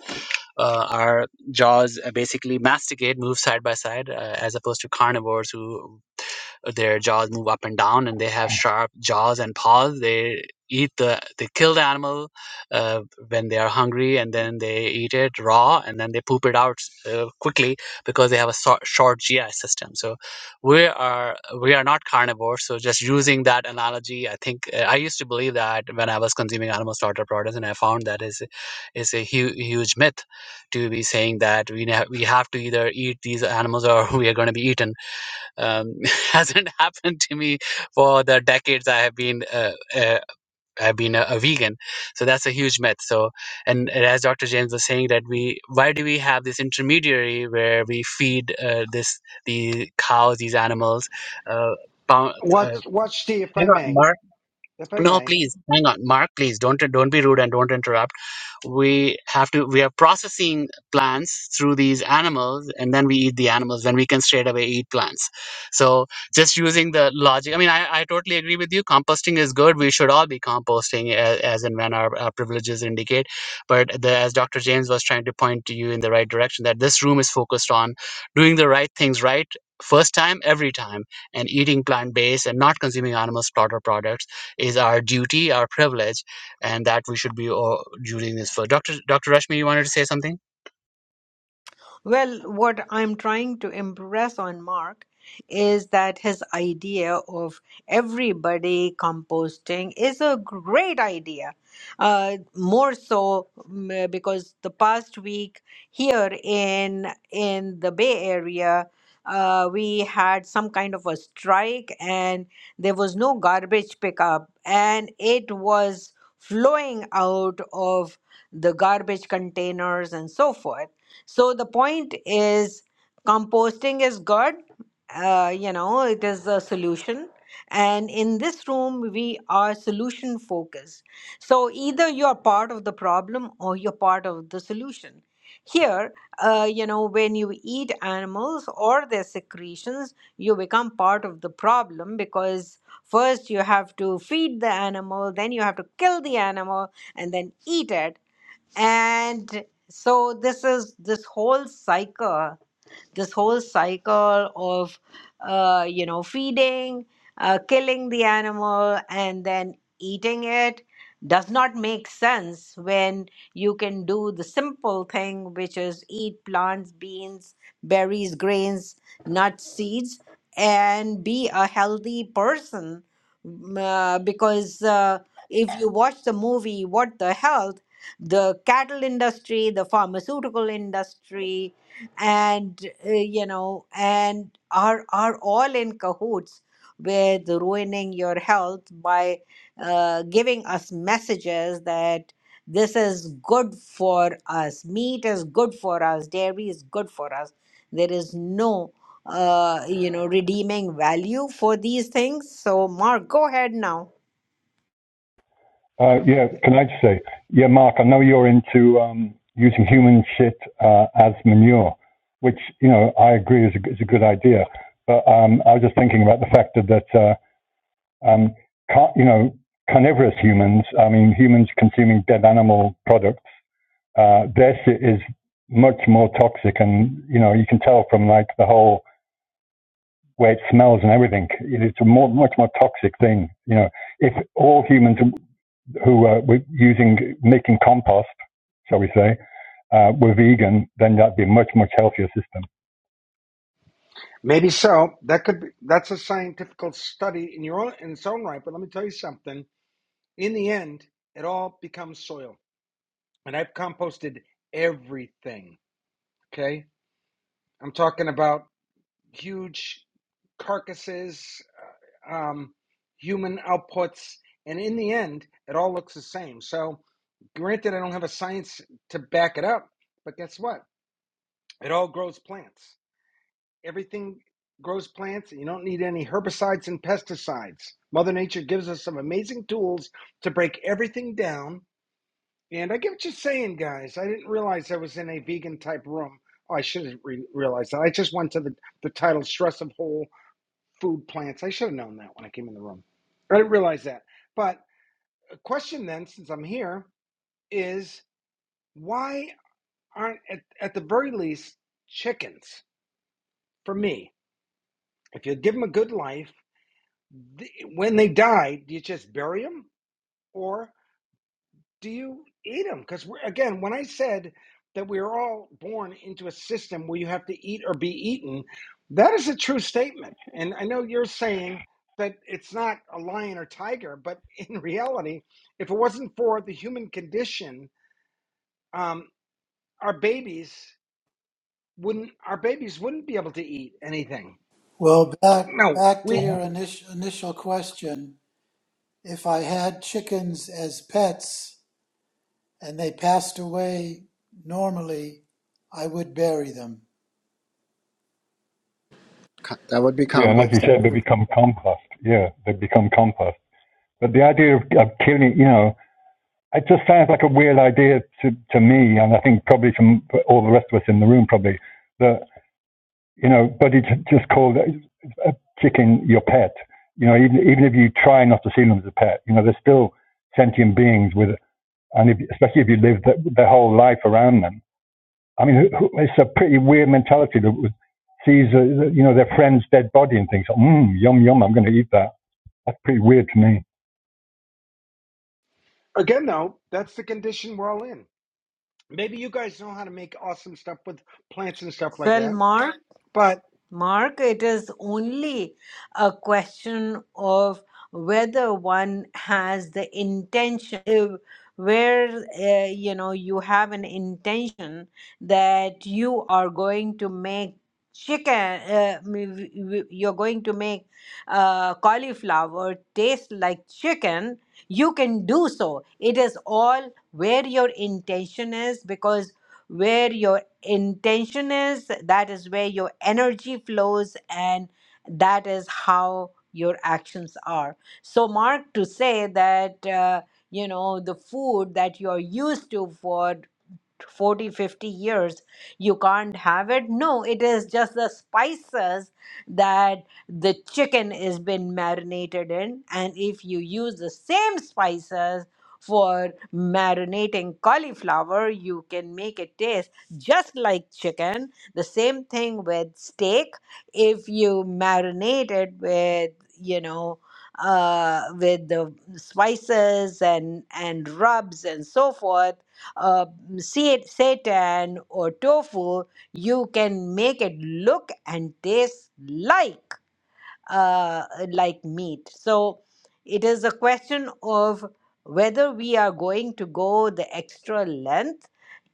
Uh, our jaws uh, basically masticate, move side by side, uh, as opposed to carnivores who their jaws move up and down and they have sharp jaws and paws they eat the they kill the animal uh, when they are hungry and then they eat it raw and then they poop it out uh, quickly because they have a so- short gi system so we are we are not carnivores so just using that analogy i think uh, i used to believe that when i was consuming animal slaughter products and i found that is is a hu- huge myth to be saying that we, ne- we have to either eat these animals or we are going to be eaten um, hasn't happened to me for the decades I have been uh, uh, I've been a, a vegan. So that's a huge myth. So and, and as Dr. James was saying that we why do we have this intermediary where we feed uh, this the cows these animals uh, pound, uh, Watch watch D if you I may. know, If I no, may. please hang on, Mark. Please don't don't be rude and don't interrupt. We have to. We are processing plants through these animals, and then we eat the animals. Then we can straight away eat plants. So just using the logic. I mean, I, I totally agree with you. Composting is good. We should all be composting as, as and when our, our privileges indicate. But the, as Dr. James was trying to point to you in the right direction, that this room is focused on doing the right things right first time every time and eating plant-based and not consuming animal slaughter products is our duty, our privilege, and that we should be all using this for. Doctor Doctor Rashmi, you wanted to say something? Well, what I'm trying to impress on Mark is that his idea of everybody composting is a great idea. Uh, more so mm, uh, because the past week here in in the Bay Area, uh, we had some kind of a strike and there was no garbage pickup, and it was flowing out of the garbage containers and so forth so the point is, composting is good. Uh, you know, it is a solution. And in this room, we are solution focused. So either you're part of the problem or you're part of the solution. Here, uh, you know, when you eat animals or their secretions, you become part of the problem because first you have to feed the animal, then you have to kill the animal, and then eat it and so this is this whole cycle this whole cycle of uh, you know feeding uh, killing the animal and then eating it does not make sense when you can do the simple thing which is eat plants beans berries grains nuts seeds and be a healthy person Mm, uh, because uh, if you watch the movie what the health the cattle industry the pharmaceutical industry and uh, you know and are are all in cahoots with ruining your health by uh, giving us messages that this is good for us meat is good for us dairy is good for us there is no uh, you know redeeming value for these things so mark go ahead now Uh, yeah, can I just say, yeah, Mark, I know you're into um, using human shit uh, as manure, which you know I agree is a, is a good idea. But um, I was just thinking about the fact that, that uh, um, car- you know carnivorous humans, I mean humans consuming dead animal products, uh, their shit is much more toxic, and you know you can tell from like the whole way it smells and everything. It's a more, much more toxic thing. You know, if all humans who uh, were using making compost, shall we say, uh, were vegan, then that'd be a much much healthier system. Maybe so. That could be that's a scientific study in your own in its own right, but let me tell you something. In the end, it all becomes soil. And I've composted everything. Okay? I'm talking about huge carcasses um, human outputs, and in the end, it all looks the same. So, granted, I don't have a science to back it up, but guess what? It all grows plants. Everything grows plants. You don't need any herbicides and pesticides. Mother Nature gives us some amazing tools to break everything down. And I get what you're saying, guys. I didn't realize I was in a vegan type room. Oh, I should have re- realized that. I just went to the, the title Stress of Whole food plants. I should have known that when I came in the room. I didn't realize that. But a question then, since I'm here, is why aren't at, at the very least chickens for me? If you give them a good life, th- when they die, do you just bury them, or? do you eat them? Because again, when I said that we are all born into a system where you have to eat or be eaten, that is a true statement. And I know you're saying that it's not a lion or tiger, but in reality, if it wasn't for the human condition, um, our babies wouldn't our babies wouldn't be able to eat anything. Well, back No, back to we Uh-huh. your initial initial question. If I had chickens as pets and they passed away normally, I would bury them. Co- that would be Yeah, and as you composting said, they become compost. Yeah, they become compost. But the idea of, of killing, you know, it just sounds like a weird idea to, to me, and I think probably to all the rest of us in the room, probably that you know, but it's just called a chicken your pet. You know, even even if you try not to see them as a pet, you know, they're still sentient beings with and if, especially if you live th their whole life around them. I mean, it's a pretty weird mentality that sees, uh, you know, their friend's dead body and thinks, "Hmm, yum, yum, I'm going to eat that. That's pretty weird to me. again though, that's the condition we're all in. Maybe you guys know how to make awesome stuff with plants and stuff like well that. mark but. Mark, it is only a question of whether one has the intention, if- where uh, you know you have an intention that you are going to make chicken, uh, m- w- w- you're going to make uh, cauliflower taste like chicken, you can do so. It is all where your intention is because. Where your intention is that is where your energy flows and that is how your actions are so mark to say that uh, you know the food that you're used to for 40 50 years you can't have it no it is just the spices that the chicken is been marinated in and if you use the same spices for marinating cauliflower you can make it taste just like chicken the same thing with steak if you marinate it with you know uh with the spices and and rubs and so forth uh, sa- seitan or tofu, you can make it look and taste like uh, like meat. So it is a question of whether we are going to go the extra length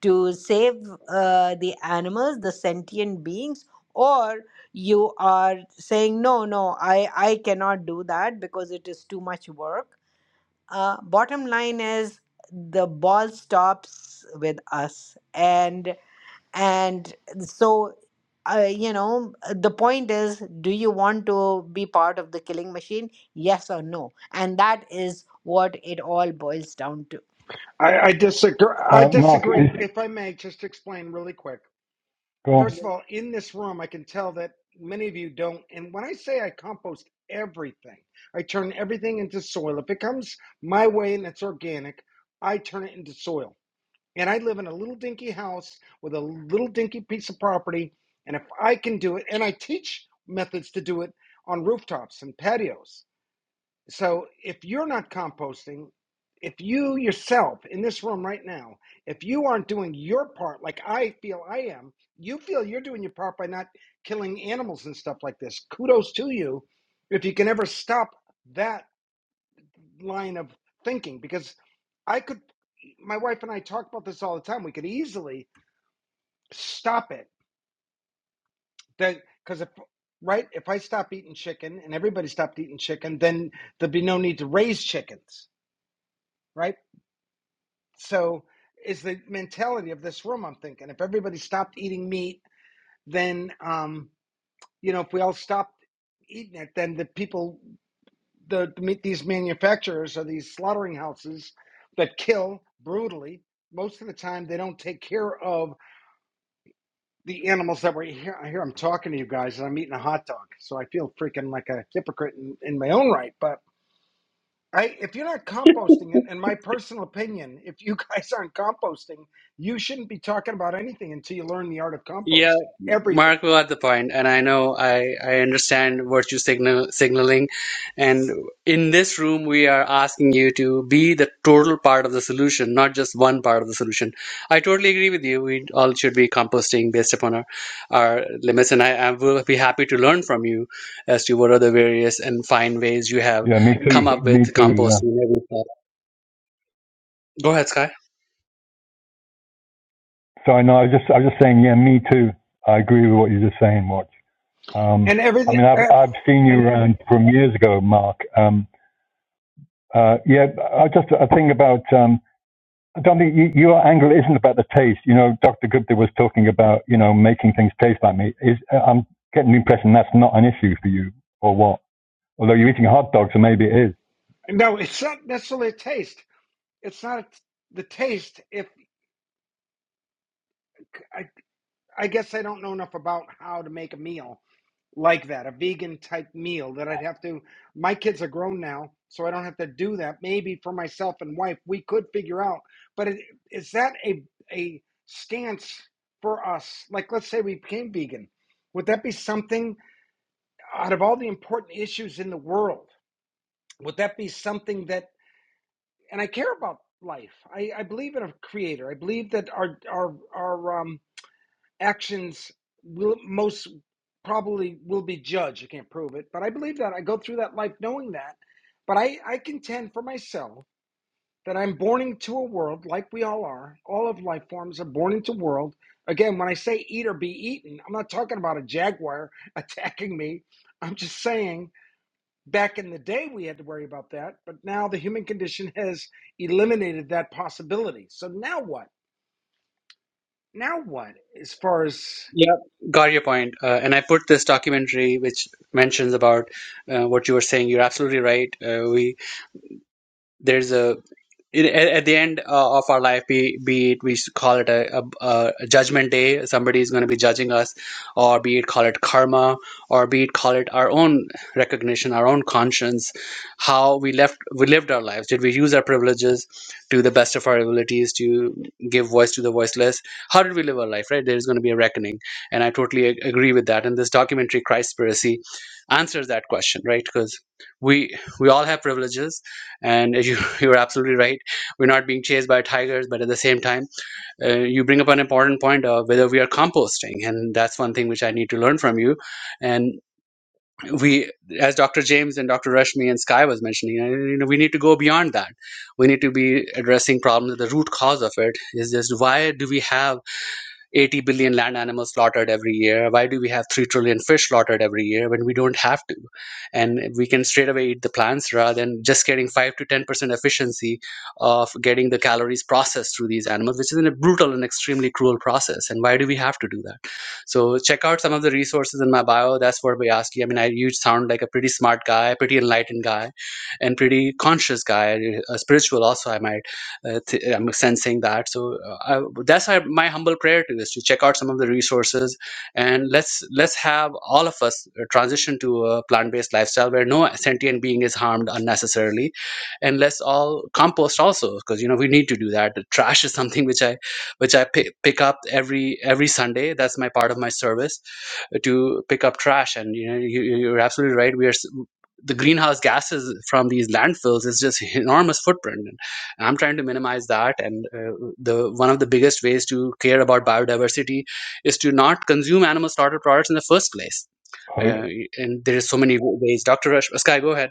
to save uh, the animals, the sentient beings, or you are saying no, no, I I cannot do that because it is too much work uh, bottom line is the ball stops with us, and and so uh, you know the point is, do you want to be part of the killing machine? Yes or no, and that is what it all boils down to. I, I disagree. I Uh, Mark, disagree. is, If I may, just to explain really quick. go on. First of all, in this room, I can tell that many of you don't. And when I say I compost everything, I turn everything into soil. If it comes my way and it's organic, I turn it into soil. And I live in a little dinky house with a little dinky piece of property. And if I can do it, and I teach methods to do it on rooftops and patios, so if you're not composting, if you yourself in this room right now, if you aren't doing your part like I feel I am, you feel you're doing your part by not killing animals and stuff like this. Kudos to you if you can ever stop that line of thinking because I could my wife and I talk about this all the time. We could easily stop it. That cuz if right, if I stop eating chicken and everybody stopped eating chicken, then there'd be no need to raise chickens right? so is the mentality of this room i'm thinking if everybody stopped eating meat then um you know if we all stopped eating it then the people the, the meat these manufacturers or these slaughtering houses that kill brutally most of the time they don't take care of the animals that were here i hear i'm talking to you guys and i'm eating a hot dog so i feel freaking like a hypocrite in, in my own right but I, if you're not composting it, and my personal opinion, if you guys aren't composting, you shouldn't be talking about anything until you learn the art of Yeah, composting. Everything Mark was at the point, and I know I, I understand virtue signal signaling, and in this room we are asking you to be the total part of the solution, not just one part of the solution. I totally agree with you. We all should be composting based upon our, our limits, and I, I will be happy to learn from you as to what are the various and fine ways you have Yeah, me too. come up Me with too, yeah. composting. Go ahead, Sky. Sorry, no, I was just, I was just saying, yeah, me too. I agree with what you're just saying, Watch. Um, and I everything. mean, I've, Uh, I've seen you around from years ago, Mark. Um, uh, yeah, I just, a thing about um, Dominic, you, your angle isn't about the taste. You know, Dr. Gupta was talking about, you know, making things taste like meat. Is, uh, I'm getting the impression that's not an issue for you, or what? Although you're eating hot dogs, so maybe it is. no, it's not necessarily a taste. It's not the taste. If I, I guess I don't know enough about how to make a meal like that, a vegan type meal that I'd have to. My kids are grown now, so I don't have to do that. Maybe for myself and wife, we could figure out. But it, is that a a stance for us? Like, let's say we became vegan, would that be something out of all the important issues in the world? Would that be something that? And I care about life. I, I believe in a creator. I believe that our our our um actions will most probably will be judged. You can't prove it, but I believe that. I go through that life knowing that. But I, I contend for myself that I'm born into a world like we all are. All of life forms are born into a world. Again, when I say eat or be eaten, I'm not talking about a jaguar attacking me. I'm just saying back in the day we had to worry about that, but now the human condition has eliminated that possibility. So now what? Now what as far as Yeah, got your point. Uh, and I put this documentary, which mentions about uh, what you were saying. You're absolutely right. Uh, we there's a in- at, at the end uh, of our life be, be it we should call it a, a, a judgment day somebody is going to be judging us or be it call it karma or be it call it our own recognition our own conscience how we left we lived our lives did we use our privileges to the best of our abilities to give voice to the voiceless how did we live our life right there's going to be a reckoning and i totally ag- agree with that and this documentary christspiracy answers that question right because we we all have privileges and you, you're absolutely right we're not being chased by tigers but at the same time uh, you bring up an important point of whether we are composting and that's one thing which i need to learn from you and we as dr james and dr rashmi and sky was mentioning uh, you know we need to go beyond that we need to be addressing problems at the root cause of it is just why do we have 80 billion land animals slaughtered every year? Why do we have 3 trillion fish slaughtered every year when we don't have to? And we can straight away eat the plants rather than just getting 5 to 10% efficiency of getting the calories processed through these animals, which is a brutal and extremely cruel process. And why do we have to do that? So check out some of the resources in my bio. That's what we asked you. I mean, I, you sound like a pretty smart guy, pretty enlightened guy, and pretty conscious guy, uh, spiritual also, I might uh, th- I'm sensing that. So uh, I, that's why my humble prayer to is to check out some of the resources and let's let's have all of us uh, transition to a plant-based lifestyle where no sentient being is harmed unnecessarily, and let's all compost also because you know we need to do that. The trash is something which I which I pick, pick up every every Sunday. That's my part of my service uh, to pick up trash and you know you, you- you're absolutely right we are s- the greenhouse gases from these landfills is just enormous footprint i'm trying to minimize that and uh, the one of the biggest ways to care about biodiversity is to not consume animal starter products in the first place Uh, uh, and there is so many ways dr Rush, sky go ahead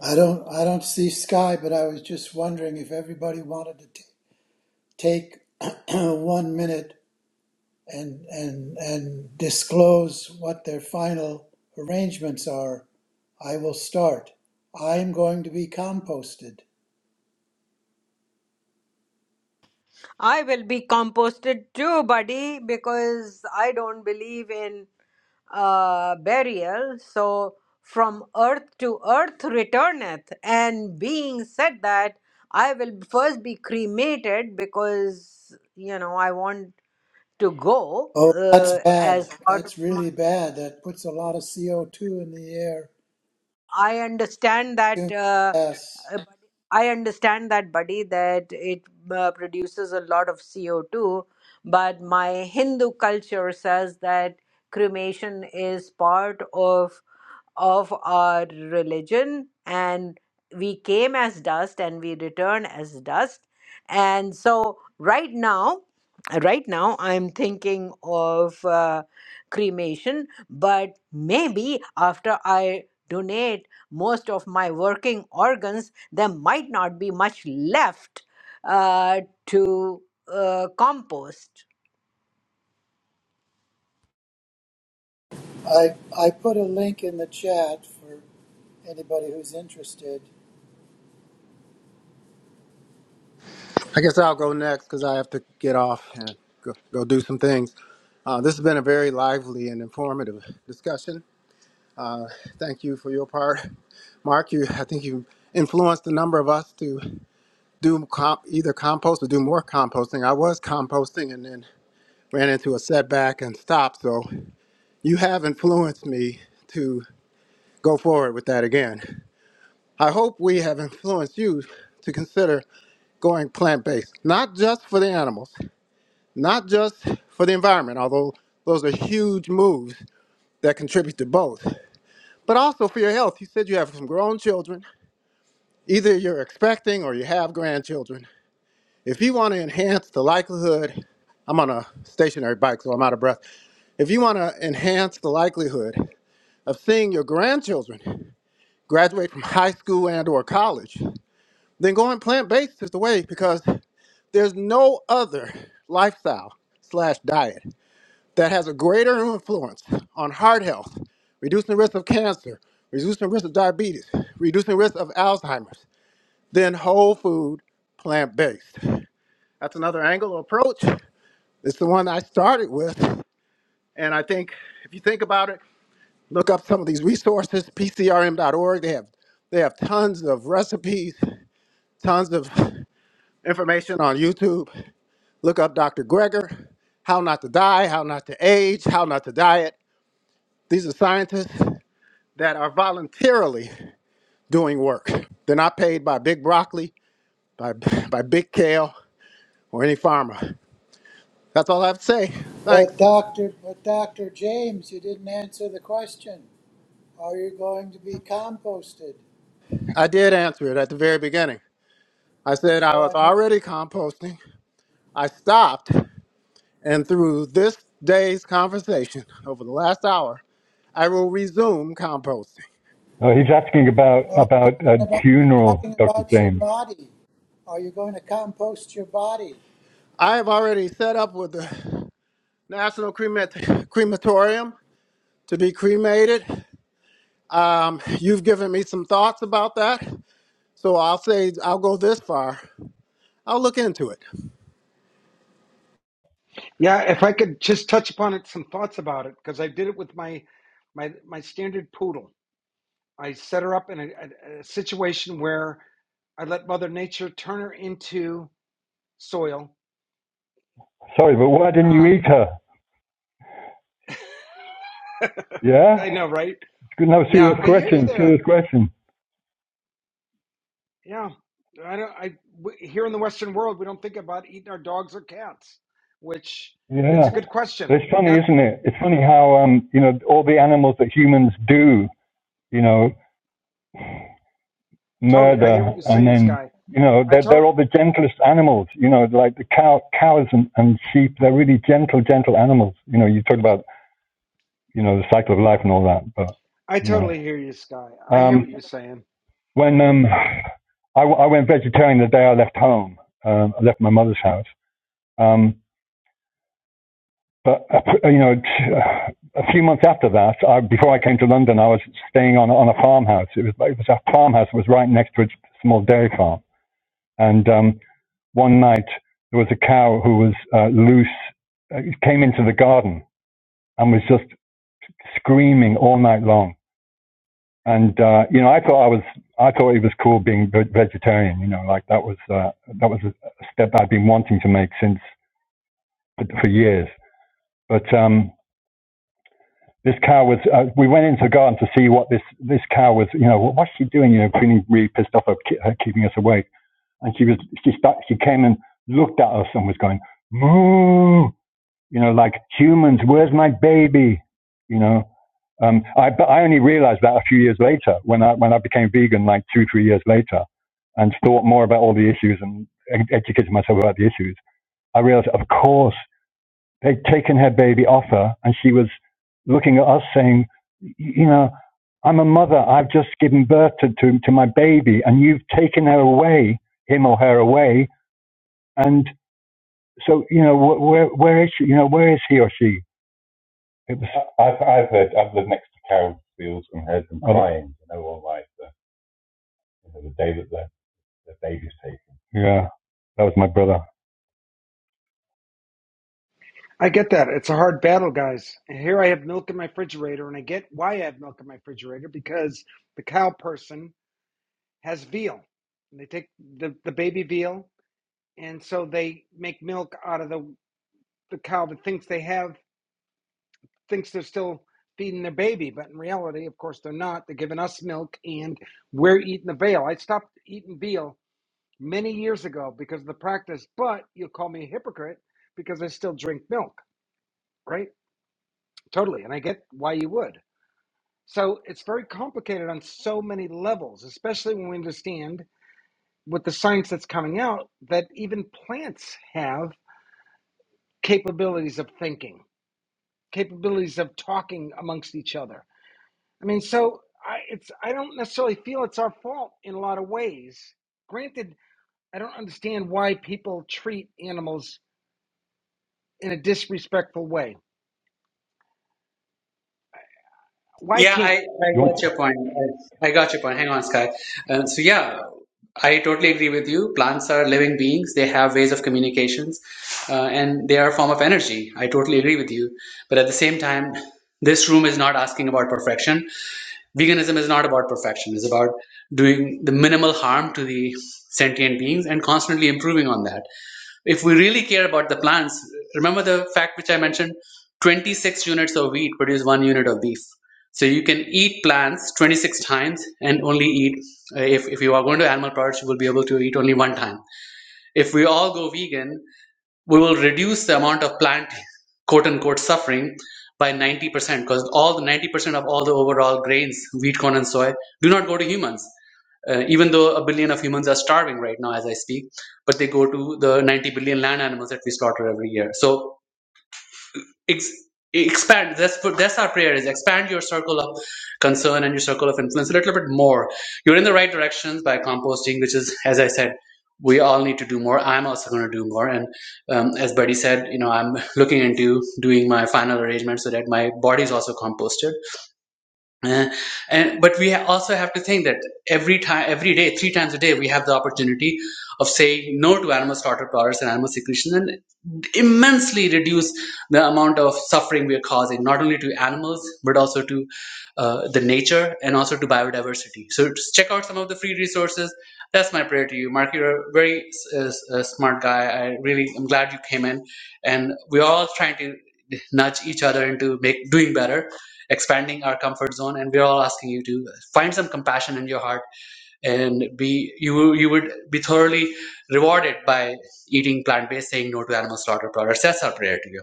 I don't I don't see Sky, but I was just wondering if everybody wanted to t- take one minute and and and disclose what their final arrangements are. I will start. I'm going to be composted. I will be composted too, buddy, because I don't believe in uh, burial. So, from earth to earth returneth. And being said that, I will first be cremated because, you know, I want to go Oh, that's uh, as bad. part of That's my. really bad. That puts a lot of CO2 in the air. I understand that. Uh, Yes. uh, but I understand that, buddy, that it uh, produces a lot of CO2, but my Hindu culture says that cremation is part of of our religion and we came as dust and we return as dust and so right now right now i'm thinking of uh, cremation but maybe after i donate most of my working organs there might not be much left uh, to uh, compost I I put a link in the chat for anybody who's interested. i guess i'll go next because i have to get off and go, go do some things uh, this has been a very lively and informative discussion Thank you for your part, Mark. You, I think you influenced a number of us to do com- either compost or do more composting. I was composting and then ran into a setback and stopped. So you have influenced me to go forward with that again. I hope we have influenced you to consider going plant based, not just for the animals, not just for the environment, although those are huge moves that contribute to both, but also for your health. You said you have some grown children Either you're expecting or you have grandchildren. If you want to enhance the likelihood, I'm on a stationary bike, so I'm out of breath. If you want to enhance the likelihood of seeing your grandchildren graduate from high school and or college, then going plant-based is the way because there's no other lifestyle slash diet that has a greater influence on heart health, reducing the risk of cancer, reducing the risk of diabetes, reducing the risk of Alzheimer's, then whole food, plant based. That's another angle or approach. It's the one I started with. And I think if you think about it, look up some of these resources, pcrm.org. They have they have tons of recipes, tons of information on YouTube. Look up Dr. Greger, How Not to Die, How Not to Age, How Not to Diet. These are scientists that are voluntarily doing work. They're not paid by Big Broccoli, by, by Big Kale, or any farmer. That's all I have to say. But Thanks. Dr. But Dr. James, you didn't answer the question. Are you going to be composted? I did answer it at the very beginning. I said I Oh, was I miss. already composting. I stopped, and through this day's conversation over the last hour, I will resume composting. uh, he's asking about No, I'm about talking a about. I'm funeral, talking Dr. about your James. body. Are you going to compost your body? I have already set up with the National Cremat- Crematorium to be cremated. Um, you've given me some thoughts about that, so I'll say I'll go this far. I'll look into it. Yeah, if I could just touch upon it, some thoughts about it, because I did it with my my my standard poodle. I set her up in a, a, a situation where I let Mother Nature turn her into soil. Sorry, but why didn't you Um, eat her? Yeah? I know, right? No, Yeah, serious I hear you question, there. serious question. Yeah, I don't. I w- here in the Western world, we don't think about eating our dogs or cats, which it's Yeah. a good question. But it's funny, Not isn't it? It's funny how, um, you know, all the animals that humans do, you know, totally. I hear murder, what you're and saying, then Sky. you know I they're, they're to- all the gentlest animals. You know, like the cow, cows and, and sheep. They're really gentle, gentle animals. You know, you talk about you know the cycle of life and all that, but I you totally know, hear you, Sky. I hear what um, you're saying. when um, I I went vegetarian the day I left home, um, I left my mother's house. Um, but uh, you know, a few months after that, I, before I came to London, I was staying on on a farmhouse. It was it was a farmhouse that was right next to a small dairy farm, and um, one night there was a cow who was uh, loose, uh, came into the garden and was just screaming all night long. And uh, you know, I thought I was, I thought it was cool being vegetarian. You know, like that was uh, that was a step I'd been wanting to make since for years. But um, this cow was, uh, we went into the garden to see what this this cow was. You know, what's she doing? You know, feeling really pissed off at keeping us awake. And she was, she started. she came and looked at us and was going moo you know, like humans, where's my baby? You know, um, I, but I only realized that a few years later when I, when I became vegan, like two, three years later and thought more about all the issues and ed- educated myself about the issues. I realized, of course, they'd taken her baby off her and she was looking at us saying, you know, I'm a mother. I've just given birth to, to, to my baby and you've taken her away, him or her away. And so, you know, wh- where, where is she? You know, where is he or she? It, was, Oh. Yeah, that was my brother. Do I get that. It's a hard battle, guys. And Here I have milk in my refrigerator, and I get why I have milk in my refrigerator because the cow person has veal. And they take the, the baby veal, and so they make milk out of the, the cow that thinks they have, thinks they're still feeding their baby. But in reality, of course, they're not. They're giving us milk, and we're eating the veal. I stopped eating veal many years ago because of the practice, but you'll call me a hypocrite because I still drink milk, right? Totally. And I get why you would. So it's very complicated on so many levels, especially when we understand with the science that's coming out that even plants have capabilities of thinking, capabilities of talking amongst each other. I mean, so I, it's I don't necessarily feel it's our fault in a lot of ways. Granted, I don't understand why people treat animals in a disrespectful way. Why yeah i, can't I you want got your point I, I got your point hang on sky um, so yeah i totally agree with you plants are living beings they have ways of communications uh, and they are a form of energy i totally agree with you but at the same time this room is not asking about perfection veganism is not about perfection it's about doing the minimal harm to the sentient beings and constantly improving on that if we really care about the plants remember the fact which i mentioned 26 units of wheat produce 1 unit of beef so you can eat plants 26 times and only eat if, if you are going to animal products you will be able to eat only one time if we all go vegan we will reduce the amount of plant quote unquote suffering by 90% because all the 90% of all the overall grains wheat corn and soy do not go to humans uh, even though a billion of humans are starving right now as i speak but they go to the 90 billion land animals that we slaughter every year so ex- expand that's what- that's our prayer is expand your circle of concern and your circle of influence a little bit more you're in the right directions by composting which is as i said we all need to do more i'm also going to do more and um, as buddy said you know i'm looking into doing my final arrangement so that my body is also composted uh, and but we ha- also have to think that every time, every day, three times a day, we have the opportunity of saying no to animal slaughter products and animal secretion, and immensely reduce the amount of suffering we are causing, not only to animals but also to uh, the nature and also to biodiversity. So just check out some of the free resources. That's my prayer to you, Mark. You're a very uh, uh, smart guy. I really, I'm glad you came in, and we're all trying to nudge each other into make doing better expanding our comfort zone and we're all asking you to find some compassion in your heart and be you you would be thoroughly rewarded by eating plant-based saying no to animal slaughter products that's our prayer to you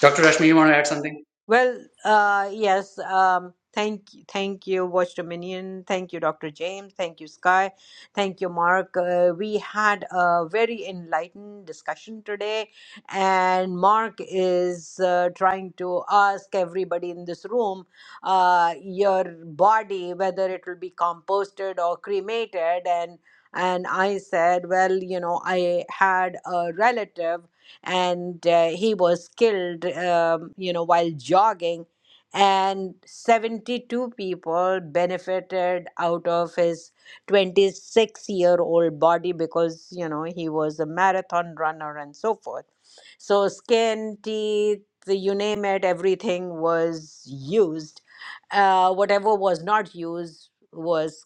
dr rashmi you want to add something Well, uh, yes. Um, thank, thank you, Watch Dominion. Thank you, Dr. James. Thank you, Sky. Thank you, Mark. Uh, we had a very enlightened discussion today, and Mark is uh, trying to ask everybody in this room, uh, your body, whether it will be composted or cremated, and. And I said, well, you know, I had a relative and uh, he was killed, um, you know, while jogging. And 72 people benefited out of his 26 year old body because, you know, he was a marathon runner and so forth. So, skin, teeth, you name it, everything was used uh, whatever was not used was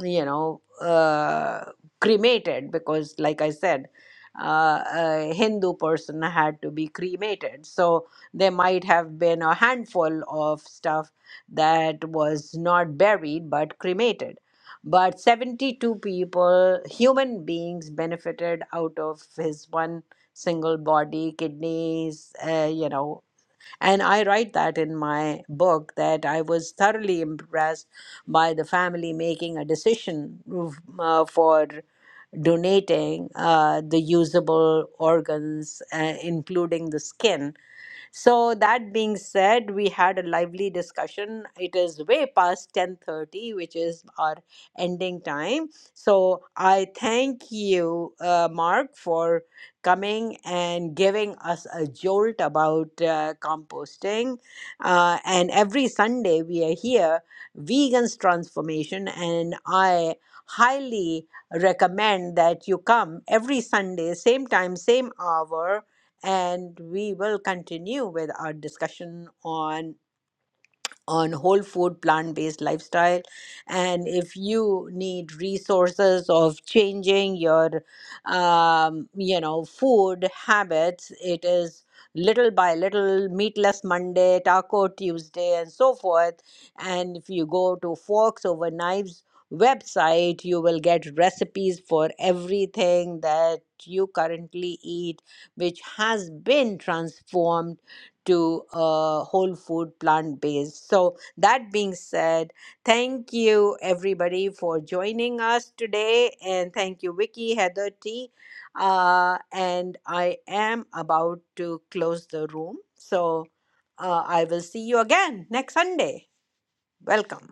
you know, uh, cremated because, like I said, uh, a Hindu person had to be cremated. So there might have been a handful of stuff that was not buried but cremated. But 72 people, human beings, benefited out of his one single body, kidneys, uh, you know, and I write that in my book that I was thoroughly impressed by the family making a decision mm, uh, for donating uh, the usable organs, uh, including the skin so that being said, we had a lively discussion. It is way past 10:30, which is our ending time. So I thank you, uh, Mark, for coming and giving us a jolt about uh, composting. Uh, and every Sunday we are here, Vegans Transformation, and I highly recommend that you come every Sunday, same time, same hour and we will continue with our discussion on on whole food plant based lifestyle and if you need resources of changing your um, you know food habits it is little by little meatless monday taco tuesday and so forth and if you go to forks over knives website you will get recipes for everything that you currently eat which has been transformed to uh, whole food plant based. So, that being said, thank you everybody for joining us today. And thank you, Vicky, Heather T. Uh, and I am about to close the room. So, uh, I will see you again next Sunday. Welcome.